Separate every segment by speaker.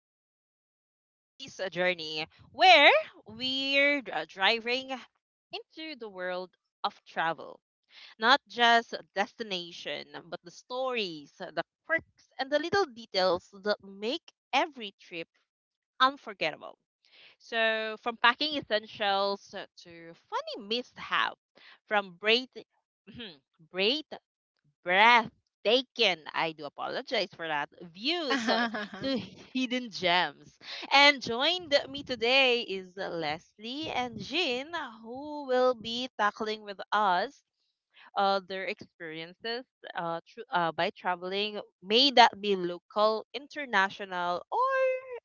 Speaker 1: welcome to today's journey where we're driving into the world of travel. Not just destination, but the stories, the quirks, and the little details that make every trip unforgettable. So, from packing essentials to funny mishap, from braid, braid breath taken. I do apologize for that. Views to hidden gems. And joined me today is Leslie and Jean, who will be tackling with us their experiences by traveling, may that be local, international, or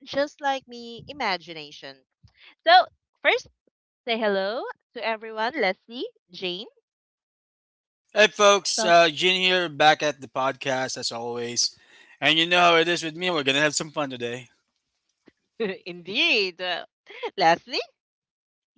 Speaker 1: just like me, imagination. So, first, say hello to everyone. Leslie, Jane.
Speaker 2: Hey folks,
Speaker 3: So,
Speaker 2: Jin here, back at the podcast as always. And you know how it is with me, we're gonna have some fun today.
Speaker 1: Indeed. Leslie?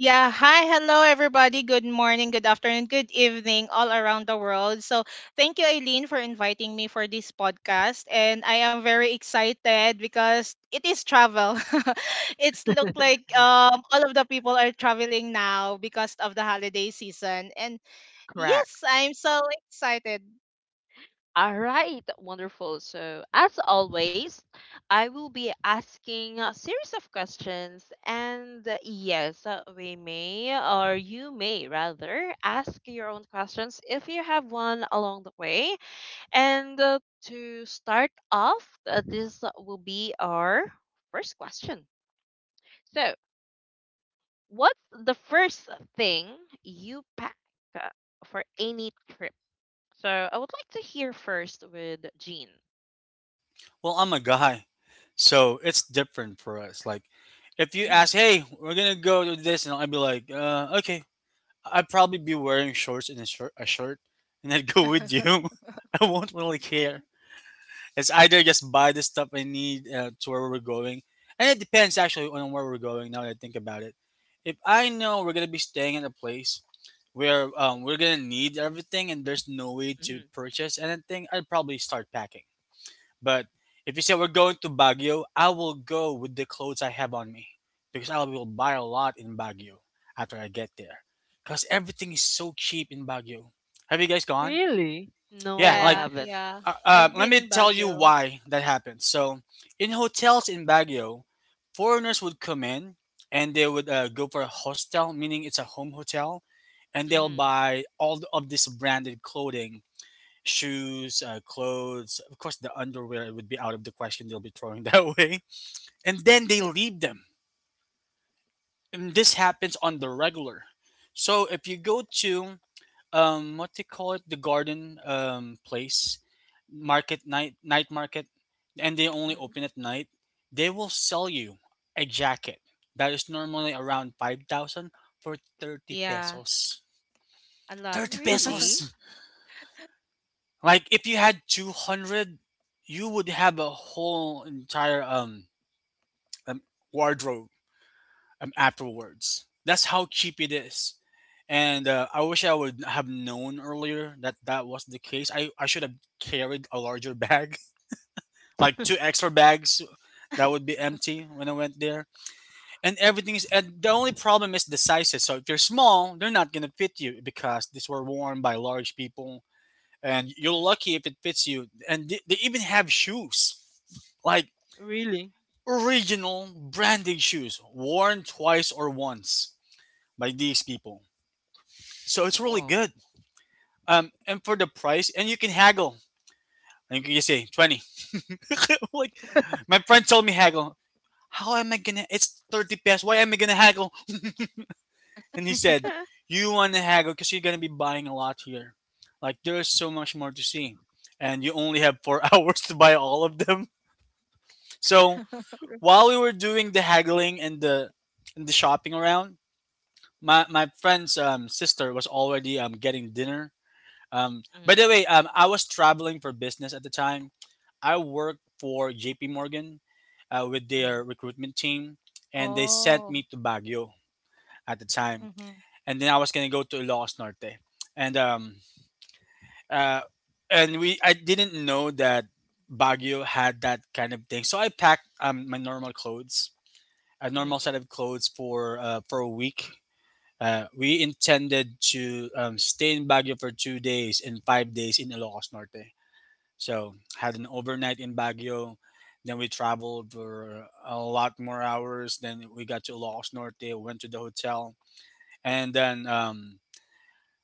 Speaker 3: yeah, hi, hello everybody. Good morning, good afternoon, good evening all around the world. So thank you, Eileen, for inviting me for this podcast, and I am very excited because it is travel. It's look like all of the people are traveling now because of the holiday season. And
Speaker 1: Correct.
Speaker 3: yes, I'm so excited.
Speaker 1: All right, wonderful. So, as always, I will be asking a series of questions, and yes, we may, or you may rather, ask your own questions if you have one along the way. And to start off, this will be our first question. So, what's the first thing you pack uh, for any trip? So, I would like to hear first with Jean.
Speaker 2: Well, I'm a guy, so it's different for us. Like, if you
Speaker 1: Mm-hmm.
Speaker 2: ask, hey, we're gonna go to this, and I'd be like, okay, I'd probably be wearing shorts and a shirt and I'd go with you. I won't really care. It's either just buy the stuff I need to where we're going, and it depends actually on where we're going now that I think about it. If I know we're gonna be staying at a place where we're gonna need everything and there's no way to
Speaker 1: Mm-hmm.
Speaker 2: purchase anything, I'd probably start packing. But if you say we're going to Baguio, I will go with the clothes I have on me because I will buy a lot in Baguio after I get there because everything is so cheap in Baguio. Have you guys gone?
Speaker 1: Really? No,
Speaker 2: Yeah,
Speaker 1: I
Speaker 2: like
Speaker 3: Yeah,
Speaker 1: haven't.
Speaker 3: yeah. I've
Speaker 2: let
Speaker 3: been
Speaker 2: me
Speaker 3: in
Speaker 2: tell you
Speaker 3: Baguio.
Speaker 2: why that happens. So, in hotels in Baguio, foreigners would come in and they would go for a hostel, meaning it's a home hotel, and they'll
Speaker 1: Mm-hmm.
Speaker 2: buy all of this branded clothing, shoes, clothes. Of course, the underwear would be out of the question. They'll be throwing that away, and then they leave them. And this happens on the regular. So, if you go to what they call it, the garden place market, night market, and they only
Speaker 1: Mm-hmm.
Speaker 2: open at night. They will sell you a jacket that is normally around 5000 for 30
Speaker 3: Yeah.
Speaker 2: pesos.
Speaker 3: A lot.
Speaker 2: 30
Speaker 1: Really?
Speaker 2: pesos. Like if you had 200, you would have a whole entire um wardrobe afterwards. That's how cheap it is. And I wish I would have known earlier that that was the case. I should have carried a larger bag, like two extra bags that would be empty when I went there. And everything is, and the only problem is the sizes. So if you're small, they're not gonna fit you because these were worn by large people. And you're
Speaker 1: Mm-hmm.
Speaker 2: lucky if it fits you. And they even have shoes, like
Speaker 1: Really?
Speaker 2: original branded shoes, worn twice or once by these people. So it's really
Speaker 1: Whoa.
Speaker 2: good. And for the price, and you can haggle. And you can just say 20. Like, my friend told me haggle. How am I gonna? It's 30 pesos. Why am I gonna haggle? And he said,
Speaker 1: Huh.
Speaker 2: you wanna haggle because you're gonna be buying a lot here. Like, there's so much more to see. And you only have four hours to buy all of them. So,
Speaker 1: R-
Speaker 2: while we were doing the haggling and the shopping around, my friend's sister was already getting dinner. By
Speaker 1: Mm-hmm.
Speaker 2: the way, I was traveling for business at the time. I worked for JP Morgan with
Speaker 1: Mm-hmm.
Speaker 2: their recruitment team, and they sent me
Speaker 3: Oh.
Speaker 2: to Baguio at the time,
Speaker 3: Mhm.
Speaker 2: and then I was gonna go to Los Norte, and um, uh, and we I didn't know that Baguio had that kind of thing, so I packed my normal clothes, a normal
Speaker 1: Mm-hmm.
Speaker 2: set of clothes for a week. We intended to stay in Baguio for 2 days and 5 days in Ilocos Norte. So had an overnight in Baguio, then we traveled for a lot more hours. Then we got to Los Norte, went to the hotel, and then um,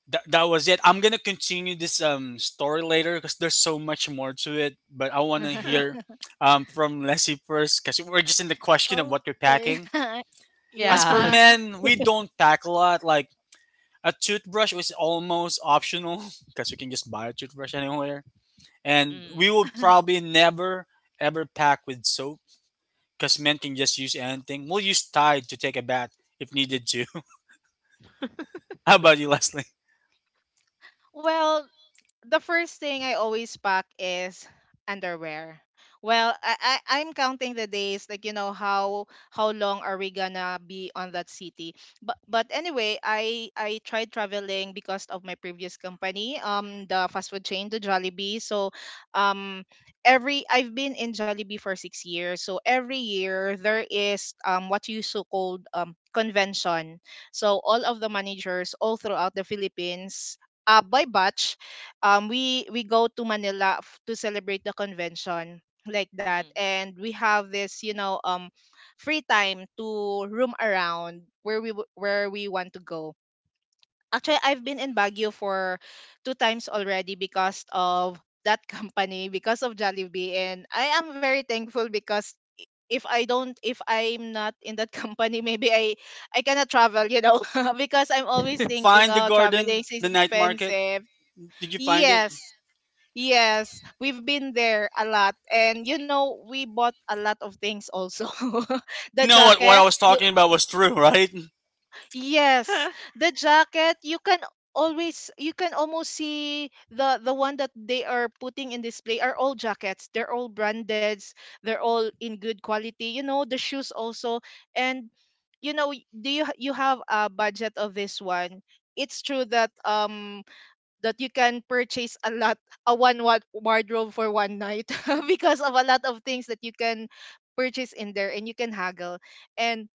Speaker 2: that that was it. I'm gonna continue this story later because there's so much more to it. But I want to
Speaker 1: Huh.
Speaker 2: hear from Leslie first because we're just in the question of what you're
Speaker 3: Okay.
Speaker 2: packing. As for
Speaker 3: Yeah.
Speaker 1: Yes.
Speaker 2: men, we don't pack a lot. Like, a toothbrush was almost optional because we can just buy a toothbrush anywhere, and we
Speaker 1: Mm-hmm.
Speaker 2: will probably never ever pack with soap because men can just use anything. We'll use Tide to take a bath if needed to. How about you, Leslie?
Speaker 3: Well, the first thing I always pack is underwear. Well, I'm counting the days, like you know how long are we gonna be on that city. But anyway, I tried traveling because of my previous company, the fast food chain, the Jollibee. So, um, every I've been in Jollibee for 6 years. So every year there is what you so called convention. So all of the managers all throughout the Philippines, by batch, we go to Manila to celebrate the convention like that. And we have this, you know, free time to roam around where where we want to go. Actually, I've been in Baguio for two times already because of that company, because of Jollibee, and I am very thankful because if I'm not in that company, maybe I cannot travel, you know, because I'm always
Speaker 2: Did you
Speaker 1: Mm-hmm.
Speaker 3: thinking,
Speaker 2: find the
Speaker 3: oh, traveling
Speaker 2: garden,
Speaker 3: is
Speaker 2: the night market?
Speaker 3: expensive.
Speaker 2: Did you find it?
Speaker 3: Yes. Yes, we've been there a lot. And you know, we bought a lot of things also.
Speaker 2: So you
Speaker 3: The
Speaker 2: know what I
Speaker 3: jacket,
Speaker 2: was
Speaker 3: you-
Speaker 2: talking about was true, right?
Speaker 3: Yes,
Speaker 1: Huh.
Speaker 3: the jacket, you can always, you can almost see the one that they are putting in display are all jackets. They're all branded, they're all in good quality. You know, the shoes also. And you know, do you have a budget of this one? It's true that that you can purchase a lot, a one wardrobe for one night because of a lot of things that you can purchase in there, and you can haggle. And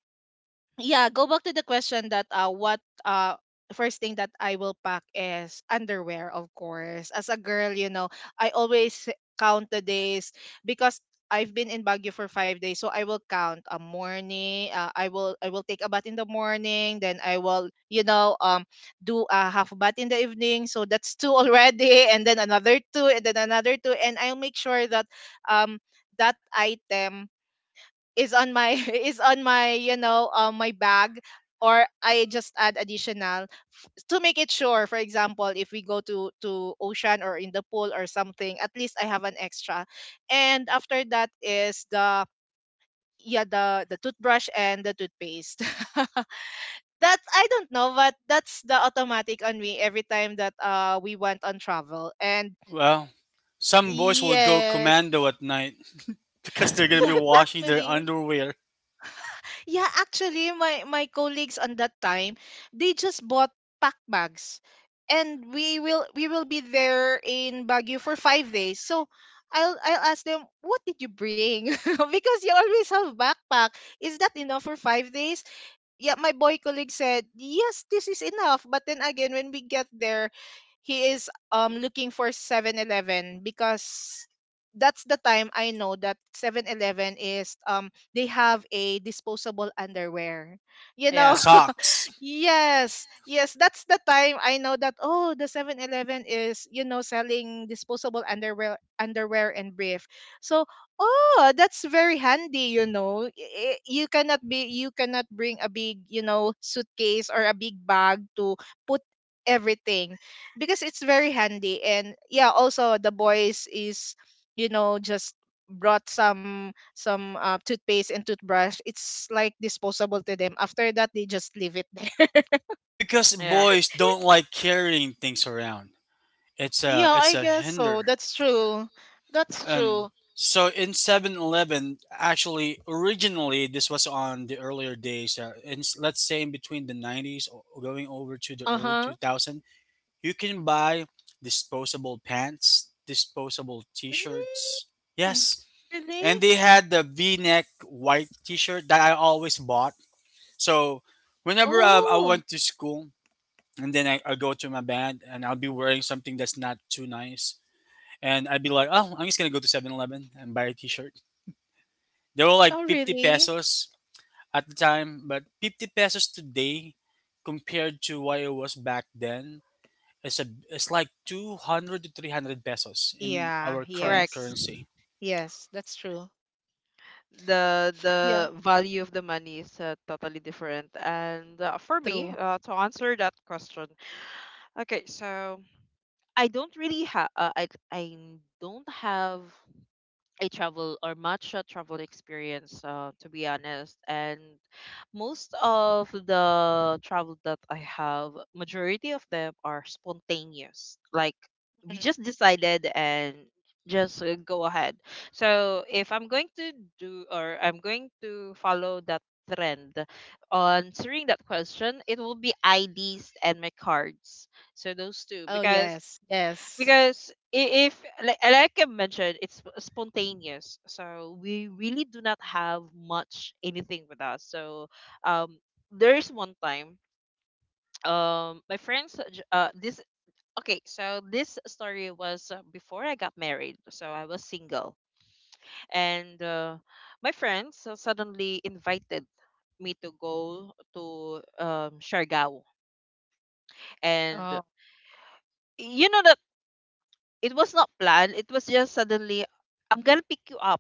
Speaker 3: yeah, go back to the question that what first thing that I will pack is underwear, of course. As a girl, you know, I always count the days because I've been in Baguio for 5 days, so I will count a morning. I will take a bath in the morning, then I will, you know, do a half bath in the evening. So that's two already, and then another two, and then another two, and I'll make sure that um that item is on my is on my, you know, my bag, or I just add additional to make it sure. For example, if we go to ocean or in the pool or something, at least I have an extra. And
Speaker 1: Mhm.
Speaker 3: after that is the... yeah, the toothbrush and the toothpaste. That I don't know, but that's the automatic on me every time that we went on travel. And
Speaker 2: Well, some boys will go
Speaker 3: yes,
Speaker 2: commando at night because they're gonna
Speaker 3: yeah,
Speaker 2: be washing their
Speaker 3: actually.
Speaker 2: underwear
Speaker 3: Yeah, actually, my colleagues on that time, they just bought pack bags, and we will be there in Baguio for 5 days. So I'll ask them, what did you bring? Because you always have backpack. Is that enough for 5 days? Yeah, my boy colleague said, "Yes, this is enough." But then again, when we get there, he is looking for 7-Eleven because that's the time I know that 7-Eleven is, they have a disposable underwear. You
Speaker 2: and
Speaker 3: know.
Speaker 1: Yeah,
Speaker 2: socks.
Speaker 3: Yes, yes, that's the time I know that, oh, the 7-Eleven is, you know, selling disposable underwear and brief. So, oh, that's very handy, you know. You cannot bring a big, you know, suitcase or a big bag to put everything because it's very handy. And yeah, also the boys is, you know, just brought some toothpaste and toothbrush. It's like disposable to them. After that, they just leave it there.
Speaker 2: And because
Speaker 1: yeah,
Speaker 2: boys don't like carrying things around,
Speaker 3: Yeah,
Speaker 2: it's
Speaker 3: I
Speaker 2: a
Speaker 3: guess so.
Speaker 2: hinder.
Speaker 3: That's true. That's
Speaker 2: And
Speaker 3: true.
Speaker 2: so in 7-Eleven, actually, originally this was on the earlier days. In, let's say in between the 90s, going over to the early
Speaker 3: Uh-huh.
Speaker 2: 2000s. You can buy disposable pants, disposable t shirts.
Speaker 3: Mm.
Speaker 2: Yes. And
Speaker 3: Really?
Speaker 2: they had the v neck white t shirt that I always bought. So whenever I
Speaker 3: Oh,
Speaker 2: went to school and then I go to my band and I'll be wearing something that's not too nice. And I'd be like, oh, I'm just going to go to 7-Eleven and buy a t shirt. They were
Speaker 3: oh,
Speaker 2: like 50
Speaker 3: really?
Speaker 2: pesos at the time, but 50 pesos today compared to what it was back then. It's like 200 to 300 pesos in
Speaker 3: Yeah,
Speaker 2: our current
Speaker 1: correct.
Speaker 3: yes.
Speaker 2: currency.
Speaker 3: Yes, that's true. Yeah,
Speaker 1: The value of the money is totally different. And for me,
Speaker 3: true.
Speaker 1: to answer that question, okay, so I don't really have, I don't have a travel or much a travel experience to be honest, and most of the travel that I have, majority of them are spontaneous. Like, we
Speaker 3: Mm.
Speaker 1: just decided and just go ahead. So if I'm going to do, or I'm going to follow that trend on answering that question, it will be IDs and my cards. So those two,
Speaker 3: Oh,
Speaker 1: because
Speaker 3: yes, yes.
Speaker 1: if, like, like I mentioned, it's spontaneous, so we really do not have much anything with us. So um, there is one time, my friends, j- this okay, so this story was before I got married, so I was single, and my friends suddenly invited me to go to Siargao, and
Speaker 3: Oh.
Speaker 1: you know that it was not planned; it was just suddenly. I'm gonna pick you up,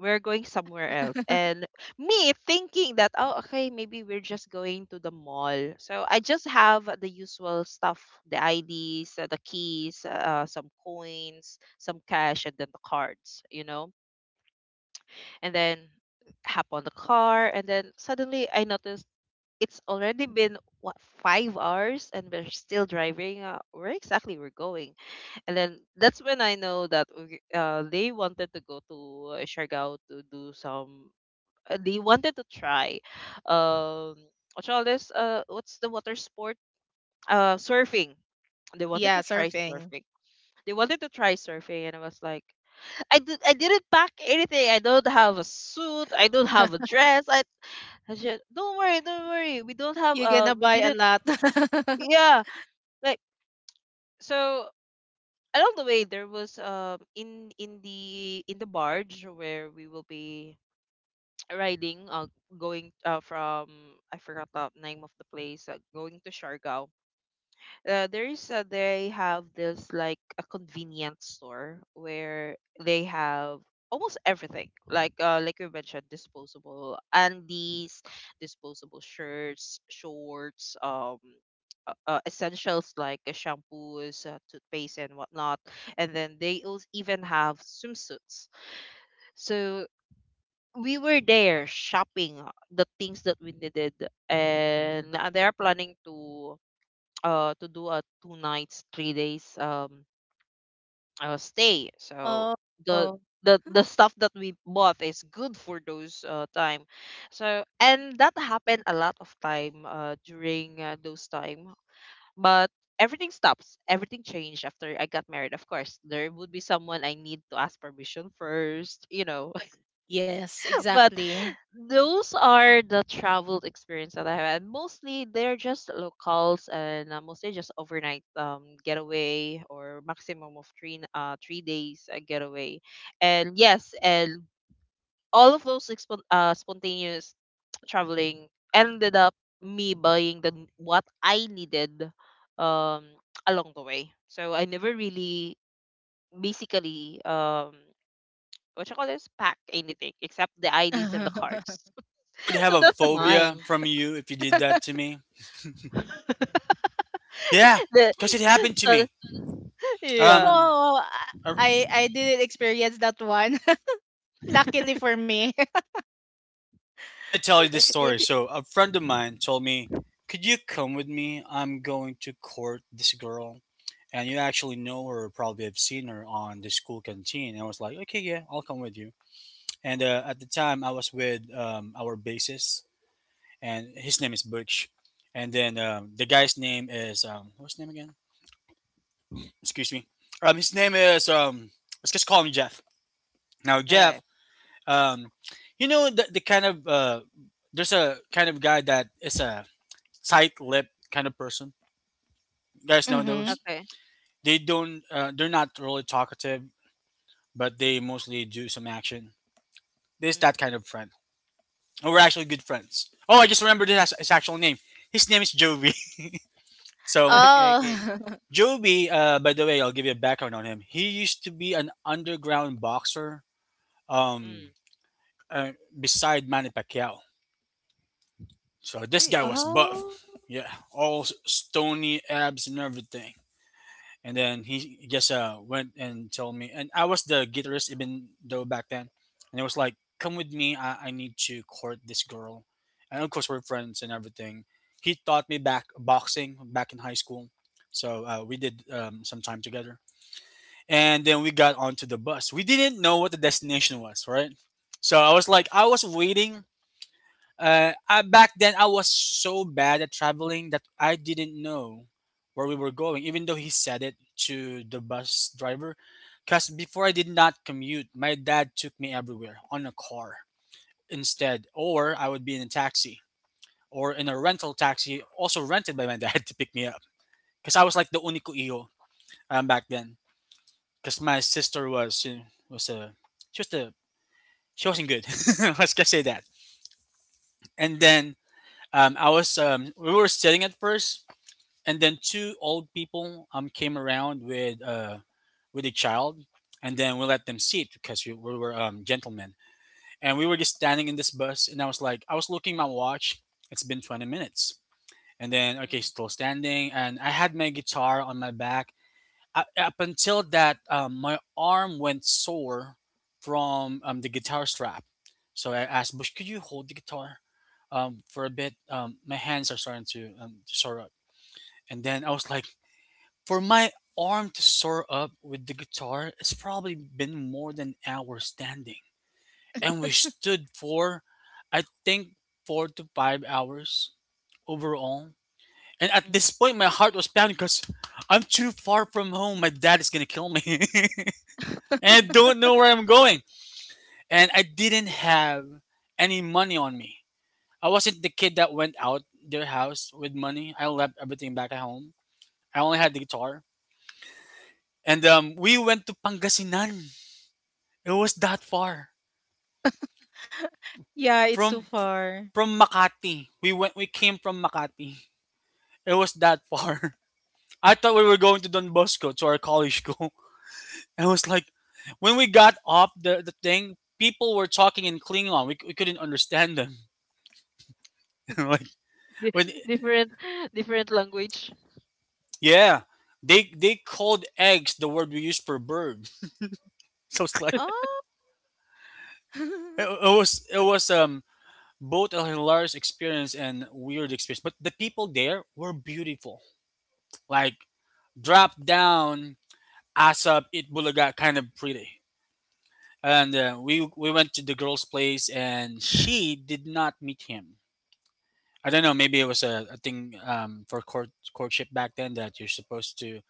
Speaker 1: we're going somewhere else. And me thinking that, oh, okay, maybe we're just going to the mall, so I just have the usual stuff, the IDs, the keys, some coins, some cash, and then the cards, you know. And then hop on the car, and then suddenly I noticed it's already been what, 5 hours, and we're still driving, where exactly we're going. And then that's when I know that they wanted to go to Siargao to do some, they wanted to try um what you this what's the water sport, surfing. They wanted to
Speaker 3: Yeah,
Speaker 1: try
Speaker 3: surfing.
Speaker 1: surfing. They wanted to try surfing, and I was like, I didn't pack anything. I don't have a suit, I don't have a dress, I just, don't worry, don't worry, we don't have,
Speaker 3: You're gonna
Speaker 1: we
Speaker 3: buy a
Speaker 1: didn't
Speaker 3: lot.
Speaker 1: yeah, like. So along the way, there was in the barge where we will be riding, going from, I forgot the name of the place, going to Siargao. There is They have this like a convenience store where they have almost everything, like you mentioned, disposable undies, disposable shirts, shorts, essentials like shampoos, toothpaste, and whatnot. And then they also even have swimsuits. So we were there shopping the things that we needed, and they are planning to to do a 2 nights 3 days stay. So
Speaker 3: Oh,
Speaker 1: the
Speaker 3: oh,
Speaker 1: the stuff that we bought is good for those time. So, and that happened a lot of time during those time. But everything stops, everything changed after I got married. Of course, there would be someone I need to ask permission first, you know.
Speaker 3: yes,
Speaker 1: But
Speaker 3: exactly.
Speaker 1: those are the travel experience that I had. Mostly they're just locals, and mostly just overnight getaway, or maximum of 3 days getaway. And yes, and all of those expon spontaneous traveling ended up me buying what I needed um along the way. So I never really basically, what you call this pack anything except the IDs and the cards.
Speaker 2: I would have
Speaker 1: So
Speaker 2: a
Speaker 1: that's
Speaker 2: phobia
Speaker 1: mine.
Speaker 2: from you if you did that to me. Yeah,
Speaker 1: The
Speaker 2: because it happened to
Speaker 1: so
Speaker 2: me.
Speaker 1: yeah.
Speaker 2: Um,
Speaker 3: Oh,
Speaker 2: uh,
Speaker 3: I didn't experience that one. Luckily for me.
Speaker 2: Let me tell you this story. So a friend of mine told me, "Could you come with me? I'm going to court this girl." And you actually know her, probably have seen her on the school canteen. And I was like, okay, yeah, I'll come with you. And at the time, I was with our bassist, and his name is Birch. And then the guy's name is what's his name again? Excuse me. His name is let's just call him Jeff. Now
Speaker 1: Okay.
Speaker 2: Jeff, um, you know the kind of there's a kind of guy that is a tight lip kind of person. You guys know
Speaker 3: Mhm.
Speaker 2: those?
Speaker 1: Okay.
Speaker 2: They don't. They're not really talkative, but they mostly do some action. This that
Speaker 1: Mm.
Speaker 2: kind of friend. And we're actually good friends. Oh, I just remembered his actual name. His name is Jovi. So
Speaker 1: Okay. Okay.
Speaker 3: Oh.
Speaker 2: Joby, by the way, I'll give you a background on him. He used to be an underground boxer um,
Speaker 1: Mm.
Speaker 2: uh, beside Manny Pacquiao. So this guy
Speaker 1: Really.
Speaker 2: was
Speaker 3: Oh.
Speaker 2: buff. Yeah, all stony abs and everything. And then he just went and told me, and I was the guitarist even though back then. And it was like, come with me, I need to court this girl. And of course, we're friends and everything. He taught me back boxing back in high school. So we did some time together. And then we got onto the bus. We didn't know what the destination was, right? So I was like, I was waiting. Back then, I was so bad at traveling that I didn't know where we were going, even though he said it to the bus driver. Because before I did not commute, my dad took me everywhere on a car instead, or I would be in a taxi or in a rental taxi, also rented by my dad to pick me up. Because I was like the único hijo back then because my sister was a she was the she wasn't good. Let's just say that. And then I was we were sitting at first, and then two old people came around with with a child, and then we let them sit because we were gentlemen, and we were just standing in this bus, and I was like I was looking at my watch. It's been 20 minutes. And then,
Speaker 1: Mm.
Speaker 2: okay, still standing, and I had my guitar on my back, up until that my arm went sore from the guitar strap. So I asked Bush, could you hold the guitar for a bit? My hands are starting to sore up. And then I was like, for my arm to sore up with the guitar, it's probably been more than an hour standing. And we stood for, I think, 4 to 5 hours overall. And at
Speaker 1: Mm.
Speaker 2: this point my heart was pounding because I'm too far from home, my dad is gonna kill me. And don't know where I'm going. And I didn't have any money on me. I wasn't the kid that went out their house with money. I left everything back at home. I only had the guitar. And we went to Pangasinan. It was that far
Speaker 3: Yeah, it's too
Speaker 2: from
Speaker 3: far.
Speaker 2: Makati. We went. We came from Makati. It was that far. I thought we were going to Don Bosco to our college school. I was like, when we got off the thing, people were talking in Klingon. We couldn't understand them. like
Speaker 1: Di-
Speaker 2: when
Speaker 1: different, different language.
Speaker 2: Yeah, they called eggs the word we use for bird. So it's like
Speaker 3: Oh.
Speaker 2: it, it was both a hilarious experience and weird experience. But the people there were beautiful, like drop down, ass up, it bulaga kind of pretty. And we went to the girl's place, and she did not meet him. I don't know. Maybe it was a thing for courtship back then that you're supposed to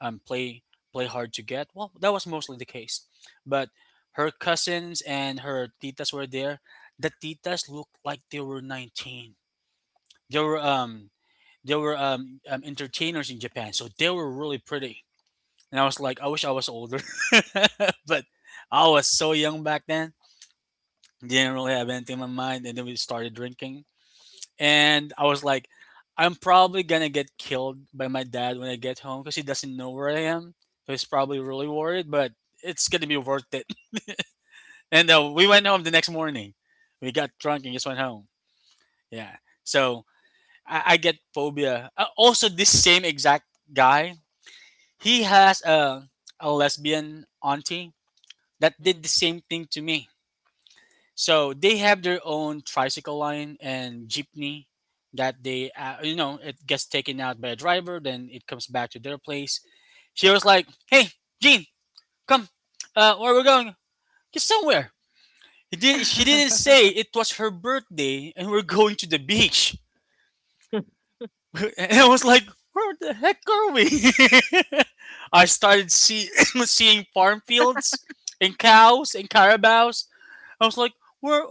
Speaker 2: um, play play hard to get. Well, that was mostly the case, but her cousins and her titas were there. The titas looked like they were 19. They were um they were entertainers in Japan, so they were really pretty. And I was like, I wish I was older, but I was so young back then. Didn't really have anything in my mind, and then we started drinking and I was like, I'm probably gonna get killed by my dad when I get home because he doesn't know where I am. So he's probably really worried, but it's gonna be worth it. And We went home the next morning. We got drunk and just went home. Yeah. So I get phobia. Also, this same exact guy, he
Speaker 1: Mm.
Speaker 2: has a lesbian auntie that
Speaker 1: Mm.
Speaker 2: did the same thing to me. So they have their own tricycle line and jeepney that they it gets taken out by a driver, then it comes back to their place. She was like, "Hey, Gene, come, where we're going? Just somewhere." He did. She didn't say it was her birthday and we're going to the beach. And I was like, "Where the heck are we?" I started see, seeing farm fields and cows and carabaos. I was like, where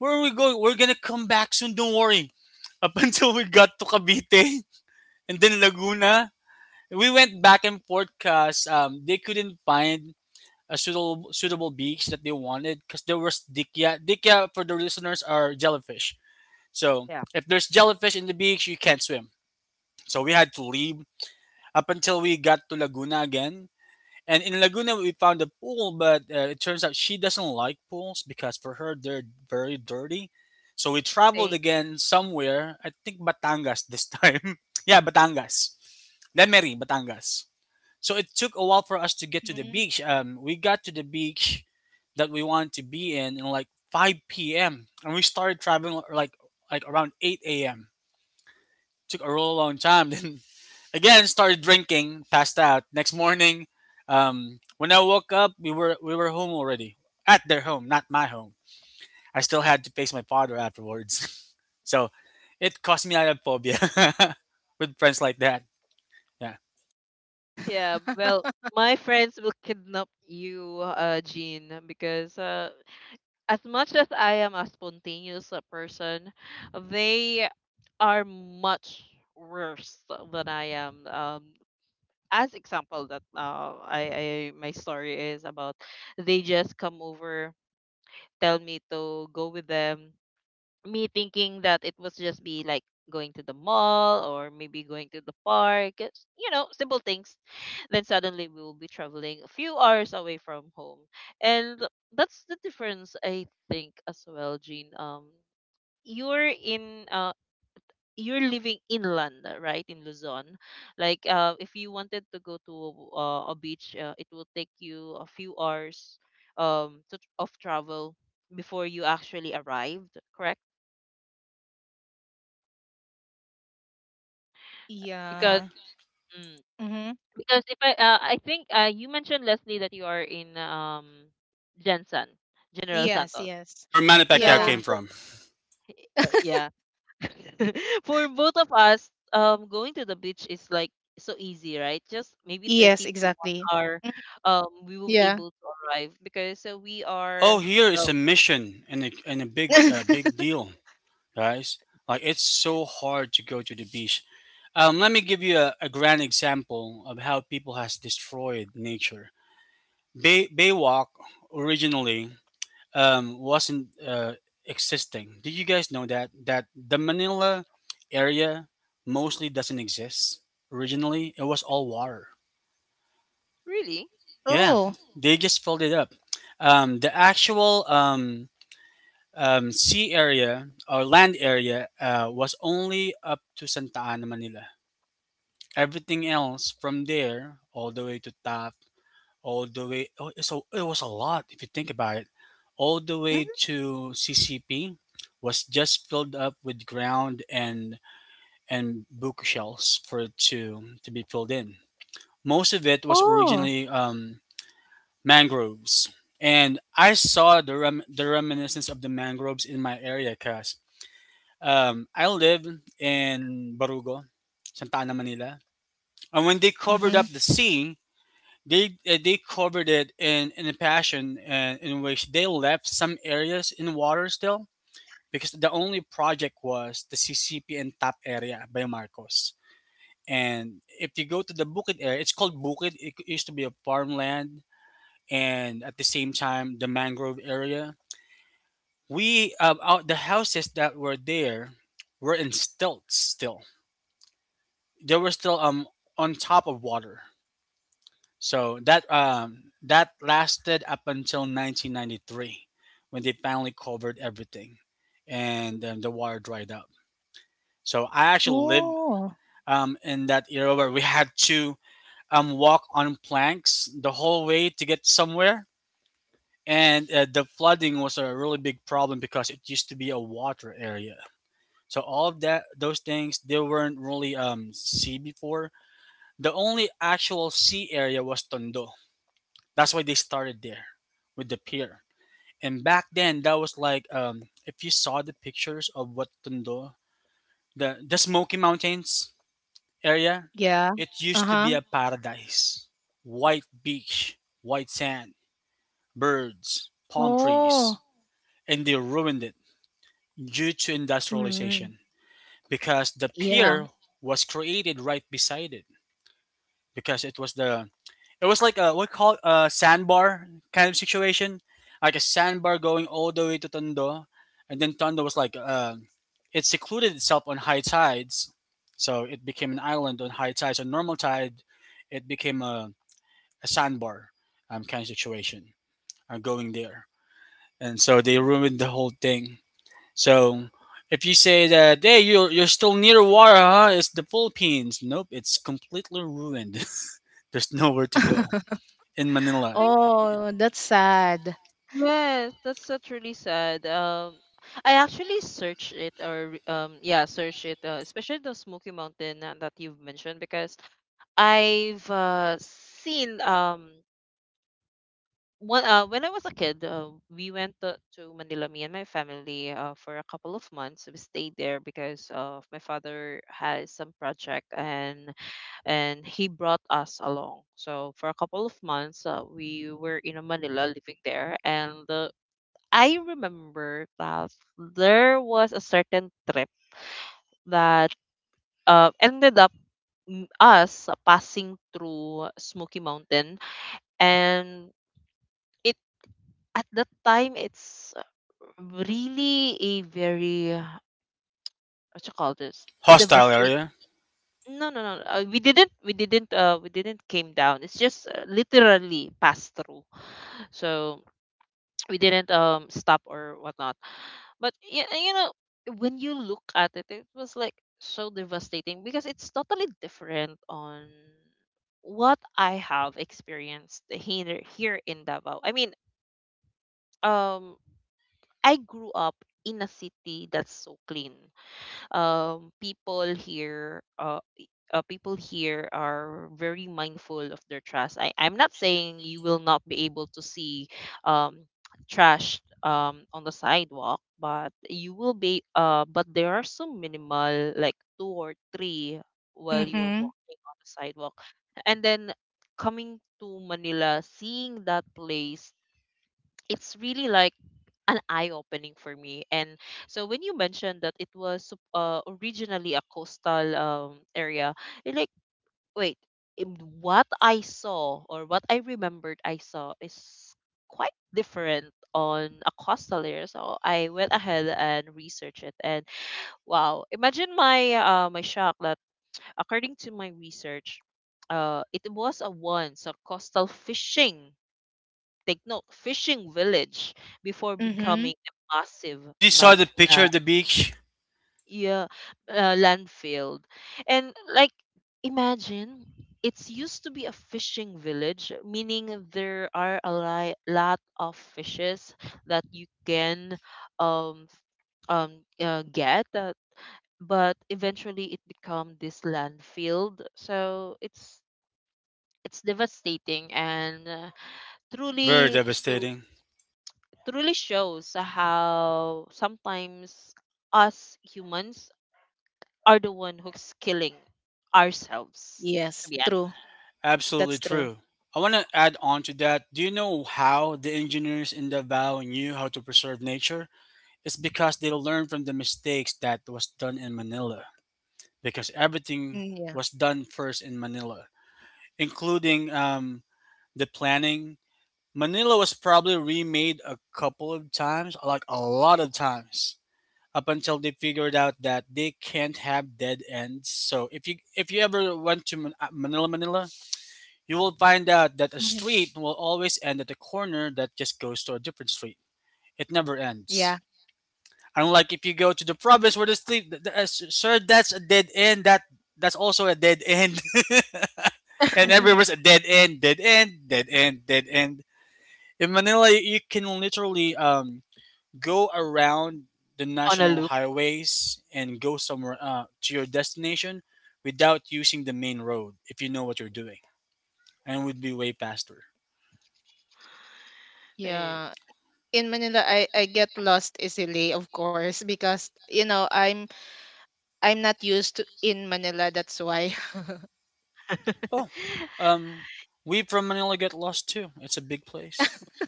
Speaker 2: where are we going? We're gonna come back soon, don't worry. Up until we got to Cavite and then Laguna. We went back and forth because they couldn't find a suitable beach that they wanted because there was dikya. Dikya for the listeners are jellyfish. So
Speaker 1: Yeah.
Speaker 2: if there's jellyfish in the beach, you can't swim. So we had to leave up until we got to Laguna again. And in Laguna, we found a pool, but it turns out she doesn't like pools because for her, they're very dirty. So we traveled
Speaker 1: Same.
Speaker 2: again somewhere, I think Batangas this time. Yeah, Batangas. Lemery, Batangas. So it took a while for us to get to the
Speaker 3: Mm.
Speaker 2: beach. We got to the beach that we wanted to be in like 5 p.m. And we started traveling like around 8 a.m. Took a real long time. Then again, started drinking, passed out. Next morning, when I woke up, we were home already. At their home, not my home. I still had to face my father afterwards. So it caused me phobia with friends like that. Yeah.
Speaker 1: Yeah. Well, my friends will kidnap you, Jean, because as much as I am a spontaneous person, they are much worse than I am. As example that I my story is about, they just come over, tell me to go with them, me thinking that it was just be like going to the mall, or maybe going to the park. It's, you know, simple things. Then suddenly we will be traveling a few hours away from home. And that's the difference, I think, as well, Jean. Um, you're in you're living inland, right, in Luzon. Like, if you wanted to go to a beach, it will take you a few hours to, of travel, before you actually arrived, correct?
Speaker 3: Yeah.
Speaker 1: Mm.
Speaker 3: Mm-hmm.
Speaker 1: Because if I think you mentioned, Leslie, that you are in Jensen, General
Speaker 3: Yes,
Speaker 1: Santos.
Speaker 3: yes.
Speaker 2: Where Manny Pacquiao
Speaker 1: So
Speaker 3: Yeah.
Speaker 2: came from.
Speaker 1: yeah, for both of us, going to the beach is like so easy, right? Just maybe
Speaker 3: Yes,
Speaker 1: 30 to one
Speaker 3: exactly.
Speaker 1: hour,
Speaker 3: Mm.
Speaker 1: we will be
Speaker 3: Yeah.
Speaker 1: able to arrive because we
Speaker 2: Oh,
Speaker 1: are,
Speaker 2: here is
Speaker 1: well,
Speaker 2: a mission and and a big big deal, guys. Like it's so hard to go to the beach. Let me give you a grand example of how people has destroyed nature. Baywalk originally wasn't existing. Did you guys know that the Manila area mostly doesn't exist originally? It was all water.
Speaker 1: really.
Speaker 2: Yeah,
Speaker 3: Oh.
Speaker 2: they just filled it up. The actual sea area or land area was only up to Santa Ana, Manila. Everything else from there, all the way. Oh, so it was a lot if you think about it. All the way
Speaker 3: Mm.
Speaker 2: to CCP was just filled up with ground and bookshelves for it to be filled in. Most of it was
Speaker 3: Oh.
Speaker 2: originally mangroves, and I saw the reminiscence of the mangroves in my area because I live in Barugo, Santa Ana, Manila, and when they covered
Speaker 3: Mm-hmm.
Speaker 2: up the sea, they they covered it in a passion in which they left some areas in water still because the only project was the CCP and Tap area by Marcos. And if you go to the Bukid area, it's called Bukid. It used to be a farmland, and at the same time, the mangrove area. We out the houses that were there were in stilts. Still, they were still on top of water. So that lasted up until 1993, when they finally covered everything, and the water dried up. So I actually lived
Speaker 3: Oh.
Speaker 2: in that era where we had to walk on planks the whole way to get somewhere, and the flooding was a really big problem because it used to be a water area. So all of that, those things, they weren't really sea before. The only actual sea area was Tondo. That's why they started there with the pier. And back then, that was like if you saw the pictures of what Tondo, the Smoky Mountains area,
Speaker 3: Yeah.
Speaker 2: it used to
Speaker 3: Uh-huh.
Speaker 2: be a paradise. White beach, white sand, birds, palm
Speaker 3: Oh.
Speaker 2: trees, and they ruined it due to
Speaker 3: Mm-hmm.
Speaker 2: industrialization because the
Speaker 3: Yeah.
Speaker 2: pier was created right beside it because it was the. It was like a what call a sandbar kind of situation, like a sandbar going all the way to Tondo, and then Tondo was like it secluded itself on high tides, so it became an island on high tides. On normal tide, it became a sandbar kind of situation. I'm going there, and so they
Speaker 1: Hmm.
Speaker 2: ruined the whole thing. So if you say that hey you're still near water, huh? It's the Philippines. Nope, it's completely ruined. There's nowhere to go in Manila.
Speaker 3: Oh, that's sad.
Speaker 1: Yes, that's really sad. I actually searched it, or yeah, searched it, especially the Smoky Mountain that you've mentioned, because I've seen one when I was a kid. Uh, we went to Manila, me and my family, for a couple of months. We stayed there because of my father has some project and he brought us along. So for a couple of months, we were in Manila living there. And I remember that there was a certain trip that ended up us passing through Smoky Mountain, and it, at that time, it's really a very, what you call this
Speaker 2: Hostile
Speaker 1: devastate.
Speaker 2: area.
Speaker 1: No, no, no. We didn't. We didn't. We didn't came down. It's just literally passed through. So we didn't stop or whatnot. But yeah, you know, when you look at it, it was like so devastating because it's totally different on what I have experienced here. Here in Davao, I mean, um I grew up in a city that's so clean. People here are very mindful of their trash. I'm not saying you will not be able to see um, trash on the sidewalk, but you will be, but there are some minimal, like two or three, while you are
Speaker 3: Mm-hmm.
Speaker 1: walking on the sidewalk. And then coming to Manila, seeing that place, it's really like an eye opening for me. And so when you mentioned that it was originally a coastal area, it, like, wait, it- what I saw, or what I remembered I saw, is quite different on a coastal area. So I went ahead and researched it, and wow, imagine my my shock that, according to my research, it was a once a coastal fishing, take note, fishing village before becoming
Speaker 3: Mm-hmm.
Speaker 1: a massive
Speaker 2: Did you saw
Speaker 1: man
Speaker 2: the picture
Speaker 1: uh,
Speaker 2: of the beach?
Speaker 1: yeah, landfill. And like, imagine, it's used to be a fishing village, meaning there are a lot of fishes that you can um um get, but eventually it become this landfill. So it's devastating, and
Speaker 2: Very
Speaker 1: truly shows
Speaker 2: devastating.
Speaker 1: truly shows how sometimes us humans are the one who's killing ourselves, to
Speaker 3: Yes,
Speaker 1: be honest,
Speaker 3: true.
Speaker 2: Absolutely
Speaker 3: That's true.
Speaker 2: true. I want to add on to that. Do you know how the engineers in Davao knew how to preserve nature? It's because they learned from the mistakes that was done in Manila. Because everything
Speaker 3: Mm, yeah.
Speaker 2: was done first in Manila, including the planning. Manila was probably remade a couple of times, like a lot of times, up until they figured out that they can't have dead ends. So if you ever went to Manila, Manila, you will find out that a
Speaker 3: Mhm.
Speaker 2: street will always end at a corner that just goes to a different street. It never ends.
Speaker 3: Yeah.
Speaker 2: Unlike if you go to the province where the street, th- th- sir, that's a dead end. That's also a dead end. And everywhere's a dead end, dead end, dead end, dead end. In Manila, you can literally go around the
Speaker 1: on a
Speaker 2: national
Speaker 1: loop.
Speaker 2: highways and go somewhere to your destination without using the main road if you know what you're doing and would be way faster.
Speaker 1: Eh.
Speaker 3: Yeah. In Manila, I get lost easily, of course, because you know I'm not used to in Manila. That's why.
Speaker 2: Oh, um we from Manila get lost too. It's a big place.